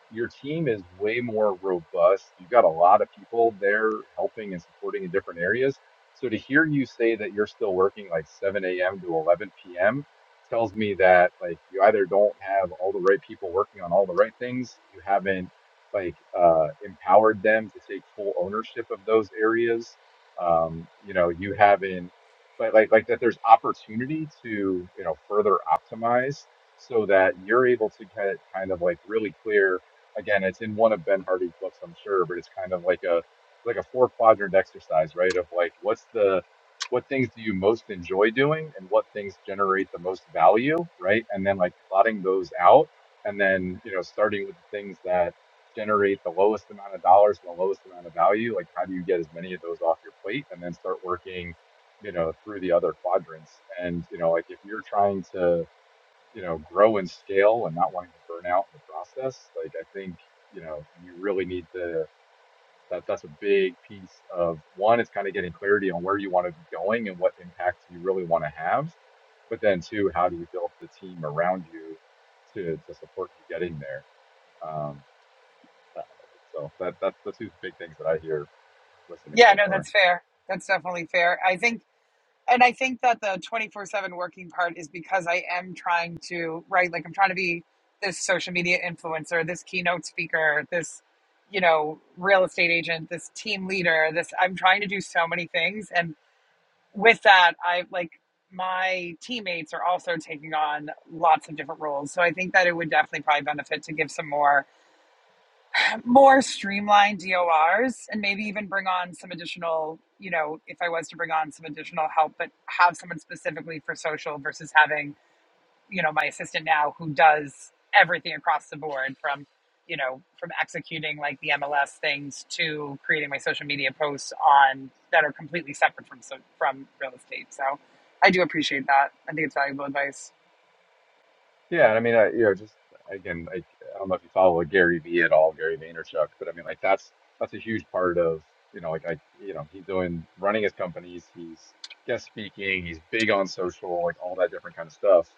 your team is way more robust. You've got a lot of people there helping and supporting in different areas. So to hear you say that you're still working like 7 a.m. to 11 p.m. tells me that like you either don't have all the right people working on all the right things, you haven't like uh, empowered them to take full ownership of those areas. Um, you know, you haven't, but like like that there's opportunity to you know further optimize so that you're able to get kind of like really clear again, it's in one of Ben Hardy's books, I'm sure, but it's kind of like a like a four quadrant exercise, right? Of like what's the what things do you most enjoy doing and what things generate the most value, right? And then like plotting those out and then, you know, starting with the things that generate the lowest amount of dollars and the lowest amount of value, like how do you get as many of those off your plate and then start working, you know, through the other quadrants. And, you know, like if you're trying to you know, grow and scale and not wanting to burn out in the process. Like I think, you know, you really need to that that's a big piece of one, it's kind of getting clarity on where you want to be going and what impact you really want to have. But then two, how do you build the team around you to to support you getting there? Um so that that's the two big things that I hear listening
Yeah,
so
no,
far.
that's fair. That's definitely fair. I think and I think that the 24 7 working part is because I am trying to, right? Like, I'm trying to be this social media influencer, this keynote speaker, this, you know, real estate agent, this team leader, this, I'm trying to do so many things. And with that, I like my teammates are also taking on lots of different roles. So I think that it would definitely probably benefit to give some more more streamlined DORs and maybe even bring on some additional, you know, if I was to bring on some additional help, but have someone specifically for social versus having, you know, my assistant now who does everything across the board from, you know, from executing like the MLS things to creating my social media posts on that are completely separate from so, from real estate. So I do appreciate that. I think it's valuable advice.
Yeah, and I mean, I, you know, just again, like I don't know if you follow Gary Vee at all, Gary Vaynerchuk, but I mean, like that's that's a huge part of, you know, like I, you know, he's doing running his companies, he's guest speaking, he's big on social, like all that different kind of stuff.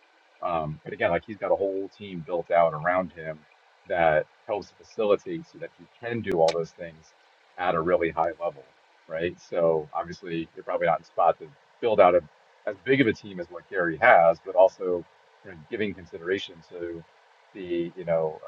Um, but again, like he's got a whole team built out around him that helps facilitate so that he can do all those things at a really high level, right? So obviously, you're probably not in spot to build out a as big of a team as what Gary has, but also you know, giving consideration to the, you know,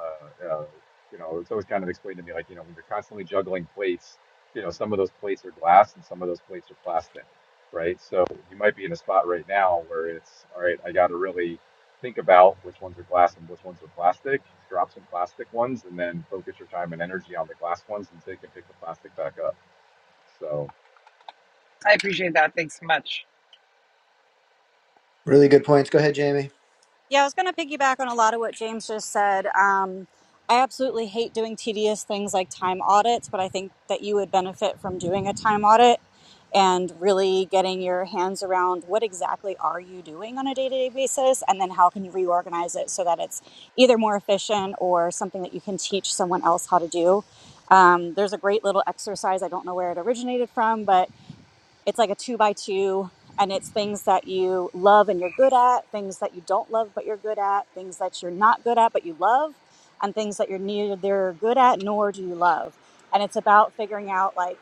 uh, uh, you know, it's always kind of explained to me like, you know, when you're constantly juggling plates, you know, some of those plates are glass and some of those plates are plastic, right? So you might be in a spot right now where it's, all right, I got to really think about which ones are glass and which ones are plastic, drop some plastic ones, and then focus your time and energy on the glass ones and so you can pick the plastic back up. So,
I appreciate that. Thanks so much.
Really good points. Go ahead, Jamie.
Yeah, I was going to piggyback on a lot of what James just said. Um, I absolutely hate doing tedious things like time audits, but I think that you would benefit from doing a time audit and really getting your hands around what exactly are you doing on a day-to-day basis and then how can you reorganize it so that it's either more efficient or something that you can teach someone else how to do um, there's a great little exercise i don't know where it originated from but it's like a two by two, and it's things that you love and you're good at, things that you don't love but you're good at, things that you're not good at but you love, and things that you're neither good at nor do you love. And it's about figuring out like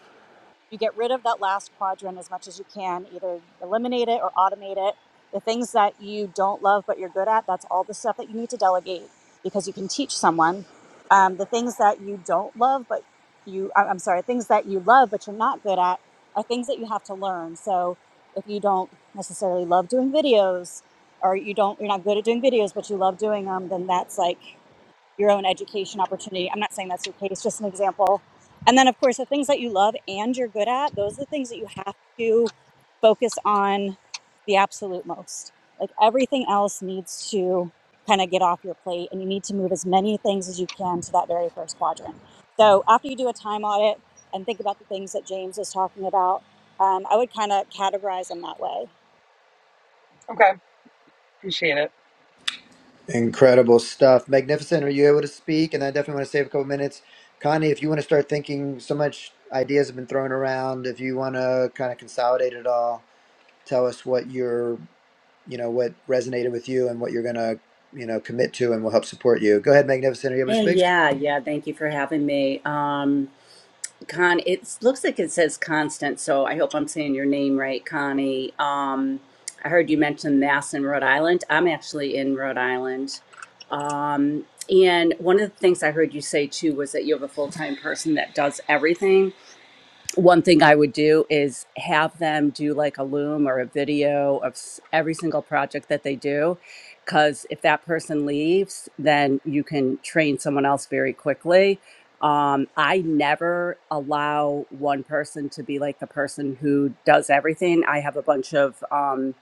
you get rid of that last quadrant as much as you can either eliminate it or automate it the things that you don't love but you're good at that's all the stuff that you need to delegate because you can teach someone um, the things that you don't love but you I- i'm sorry things that you love but you're not good at are things that you have to learn so if you don't necessarily love doing videos or you don't you're not good at doing videos but you love doing them then that's like your own education opportunity. I'm not saying that's your case, it's just an example. And then, of course, the things that you love and you're good at, those are the things that you have to focus on the absolute most. Like everything else needs to kind of get off your plate and you need to move as many things as you can to that very first quadrant. So, after you do a time audit and think about the things that James was talking about, um, I would kind of categorize them that way.
Okay. Appreciate it.
Incredible stuff. Magnificent. Are you able to speak? And I definitely want to save a couple minutes. Connie, if you want to start thinking, so much ideas have been thrown around. If you want to kind of consolidate it all, tell us what you're, you know, what resonated with you and what you're going to, you know, commit to and will help support you. Go ahead, Magnificent. Are you able to
Hey,
speak?
yeah, yeah. Thank you for having me. Um, Con, it looks like it says Constant, so I hope I'm saying your name right, Connie. Um, I heard you mention Mass in Rhode Island. I'm actually in Rhode Island. Um, and one of the things I heard you say too was that you have a full time person that does everything one thing I would do is have them do like a loom or a video of s- every single project that they do. Because if that person leaves, then you can train someone else very quickly. Um, I never allow one person to be like the person who does everything. I have a bunch of um,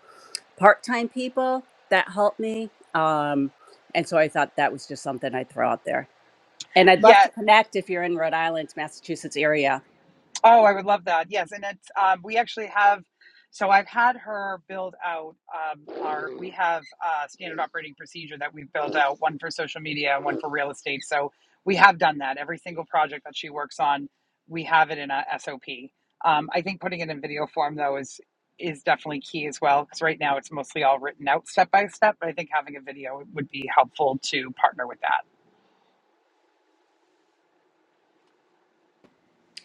part time people that help me. Um, and so I thought that was just something I'd throw out there. And I'd love
Yeah,
to connect if you're in Rhode Island, Massachusetts area.
Oh, I would love that. Yes, and it's um, we actually have. So I've had her build out um, our. We have a standard operating procedure that we've built out, one for social media and one for real estate. So we have done that. Every single project that she works on, we have it in a SOP. Um, I think putting it in video form though is is definitely key as well because right now it's mostly all written out step by step. But I think having a video would be helpful to partner with that.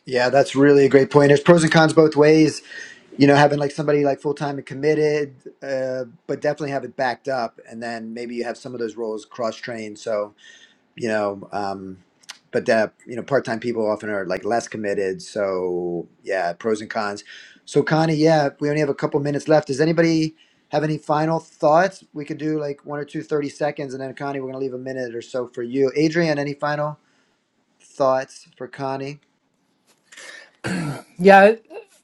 Yeah, that's really a great point. There's pros and cons both ways you know having like somebody like full-time and committed uh, but definitely have it backed up and then maybe you have some of those roles cross-trained so you know um, but that you know part-time people often are like less committed so yeah pros and cons so connie yeah we only have a couple minutes left does anybody have any final thoughts we could do like one or two thirty seconds and then connie we're gonna leave a minute or so for you adrian any final thoughts for connie
Yeah,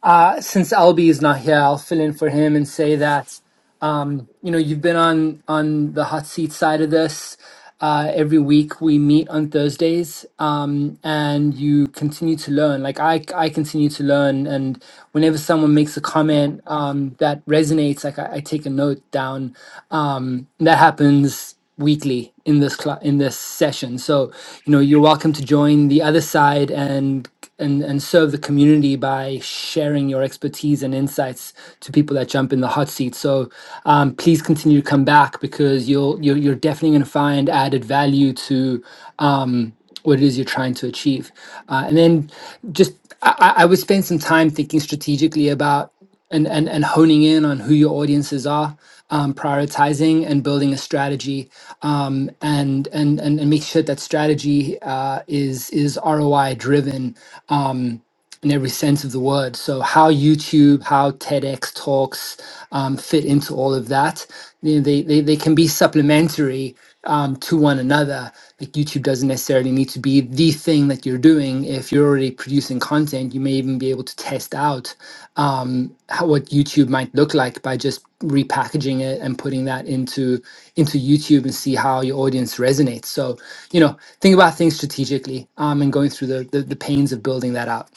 uh, since Albie is not here, I'll fill in for him and say that um, you know you've been on on the hot seat side of this. Uh, every week we meet on Thursdays, um, and you continue to learn. Like I, I continue to learn, and whenever someone makes a comment um, that resonates, like I, I take a note down. Um, that happens weekly in this cla in this session. So, you know, you're welcome to join the other side and and and serve the community by sharing your expertise and insights to people that jump in the hot seat. So, um, please continue to come back because you'll you're, you're definitely going to find added value to um, what it is you're trying to achieve. Uh, and then just I, I I would spend some time thinking strategically about and, and, and honing in on who your audiences are, um, prioritizing and building a strategy, um, and, and and and make sure that strategy uh, is is ROI driven um, in every sense of the word. So how YouTube, how TEDx talks um, fit into all of that, you know, they, they they can be supplementary um, to one another. Like YouTube doesn't necessarily need to be the thing that you're doing. If you're already producing content, you may even be able to test out um, how, what YouTube might look like by just repackaging it and putting that into into YouTube and see how your audience resonates. So you know, think about things strategically um, and going through the, the the pains of building that out.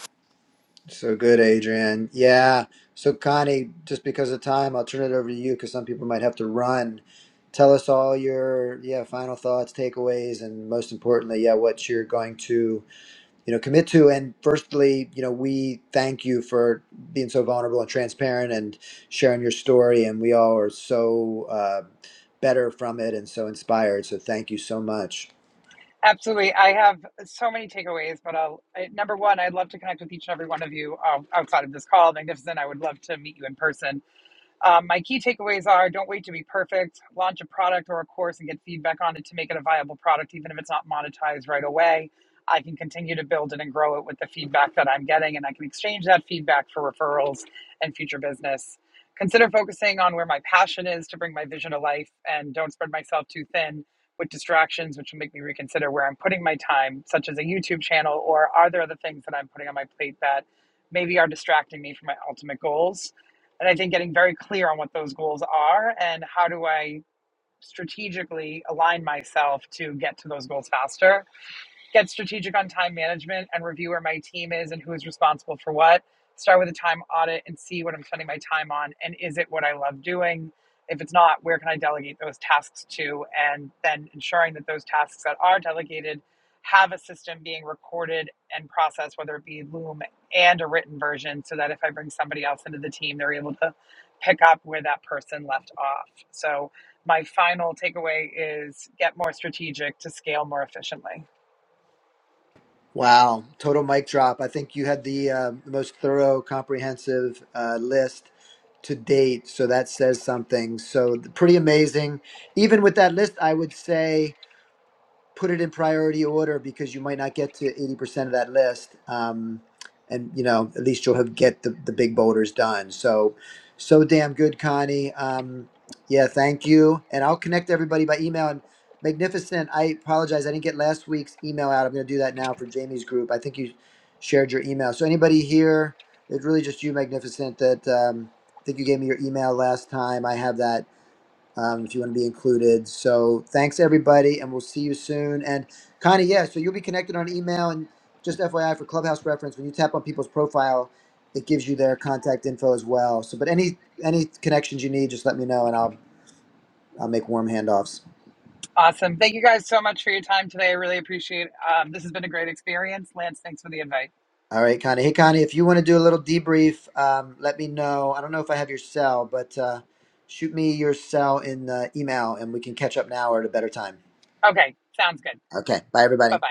So good, Adrian. Yeah. So, Connie, just because of time, I'll turn it over to you because some people might have to run. Tell us all your yeah final thoughts, takeaways, and most importantly, yeah, what you're going to you know commit to. And firstly, you know, we thank you for being so vulnerable and transparent and sharing your story. And we all are so uh, better from it and so inspired. So, thank you so much.
Absolutely. I have so many takeaways, but I'll, I, number one, I'd love to connect with each and every one of you um, outside of this call. Magnificent. I would love to meet you in person. Um, my key takeaways are don't wait to be perfect, launch a product or a course and get feedback on it to make it a viable product, even if it's not monetized right away. I can continue to build it and grow it with the feedback that I'm getting, and I can exchange that feedback for referrals and future business. Consider focusing on where my passion is to bring my vision to life and don't spread myself too thin with distractions, which will make me reconsider where I'm putting my time, such as a YouTube channel, or are there other things that I'm putting on my plate that maybe are distracting me from my ultimate goals? and I think getting very clear on what those goals are and how do I strategically align myself to get to those goals faster get strategic on time management and review where my team is and who is responsible for what. Start with a time audit and see what I'm spending my time on and is it what I love doing? If it's not, where can I delegate those tasks to? And then ensuring that those tasks that are delegated have a system being recorded and processed, whether it be Loom and a written version, so that if I bring somebody else into the team, they're able to pick up where that person left off. So, my final takeaway is get more strategic to scale more efficiently.
Wow, total mic drop. I think you had the uh, the most thorough, comprehensive uh, list to date. So that says something. So th- pretty amazing. Even with that list, I would say put it in priority order because you might not get to 80% of that list um, and you know at least you'll have get the, the big boulders done so so damn good connie um, yeah thank you and i'll connect everybody by email and magnificent i apologize i didn't get last week's email out i'm going to do that now for jamie's group i think you shared your email so anybody here it's really just you magnificent that um, i think you gave me your email last time i have that um, if you want to be included. So thanks everybody, and we'll see you soon. And Connie, yeah, so you'll be connected on email. And just FYI for Clubhouse reference, when you tap on people's profile, it gives you their contact info as well. So, but any any connections you need, just let me know, and I'll I'll make warm handoffs.
Awesome. Thank you guys so much for your time today. I really appreciate it. Um, this has been a great experience. Lance, thanks for the invite.
All right, Connie. Hey, Connie, if you want to do a little debrief, um, let me know. I don't know if I have your cell, but uh, shoot me your cell in uh, email, and we can catch up now or at a better time.
Okay, sounds good.
Okay. Bye,
Bye
everybody.
bye.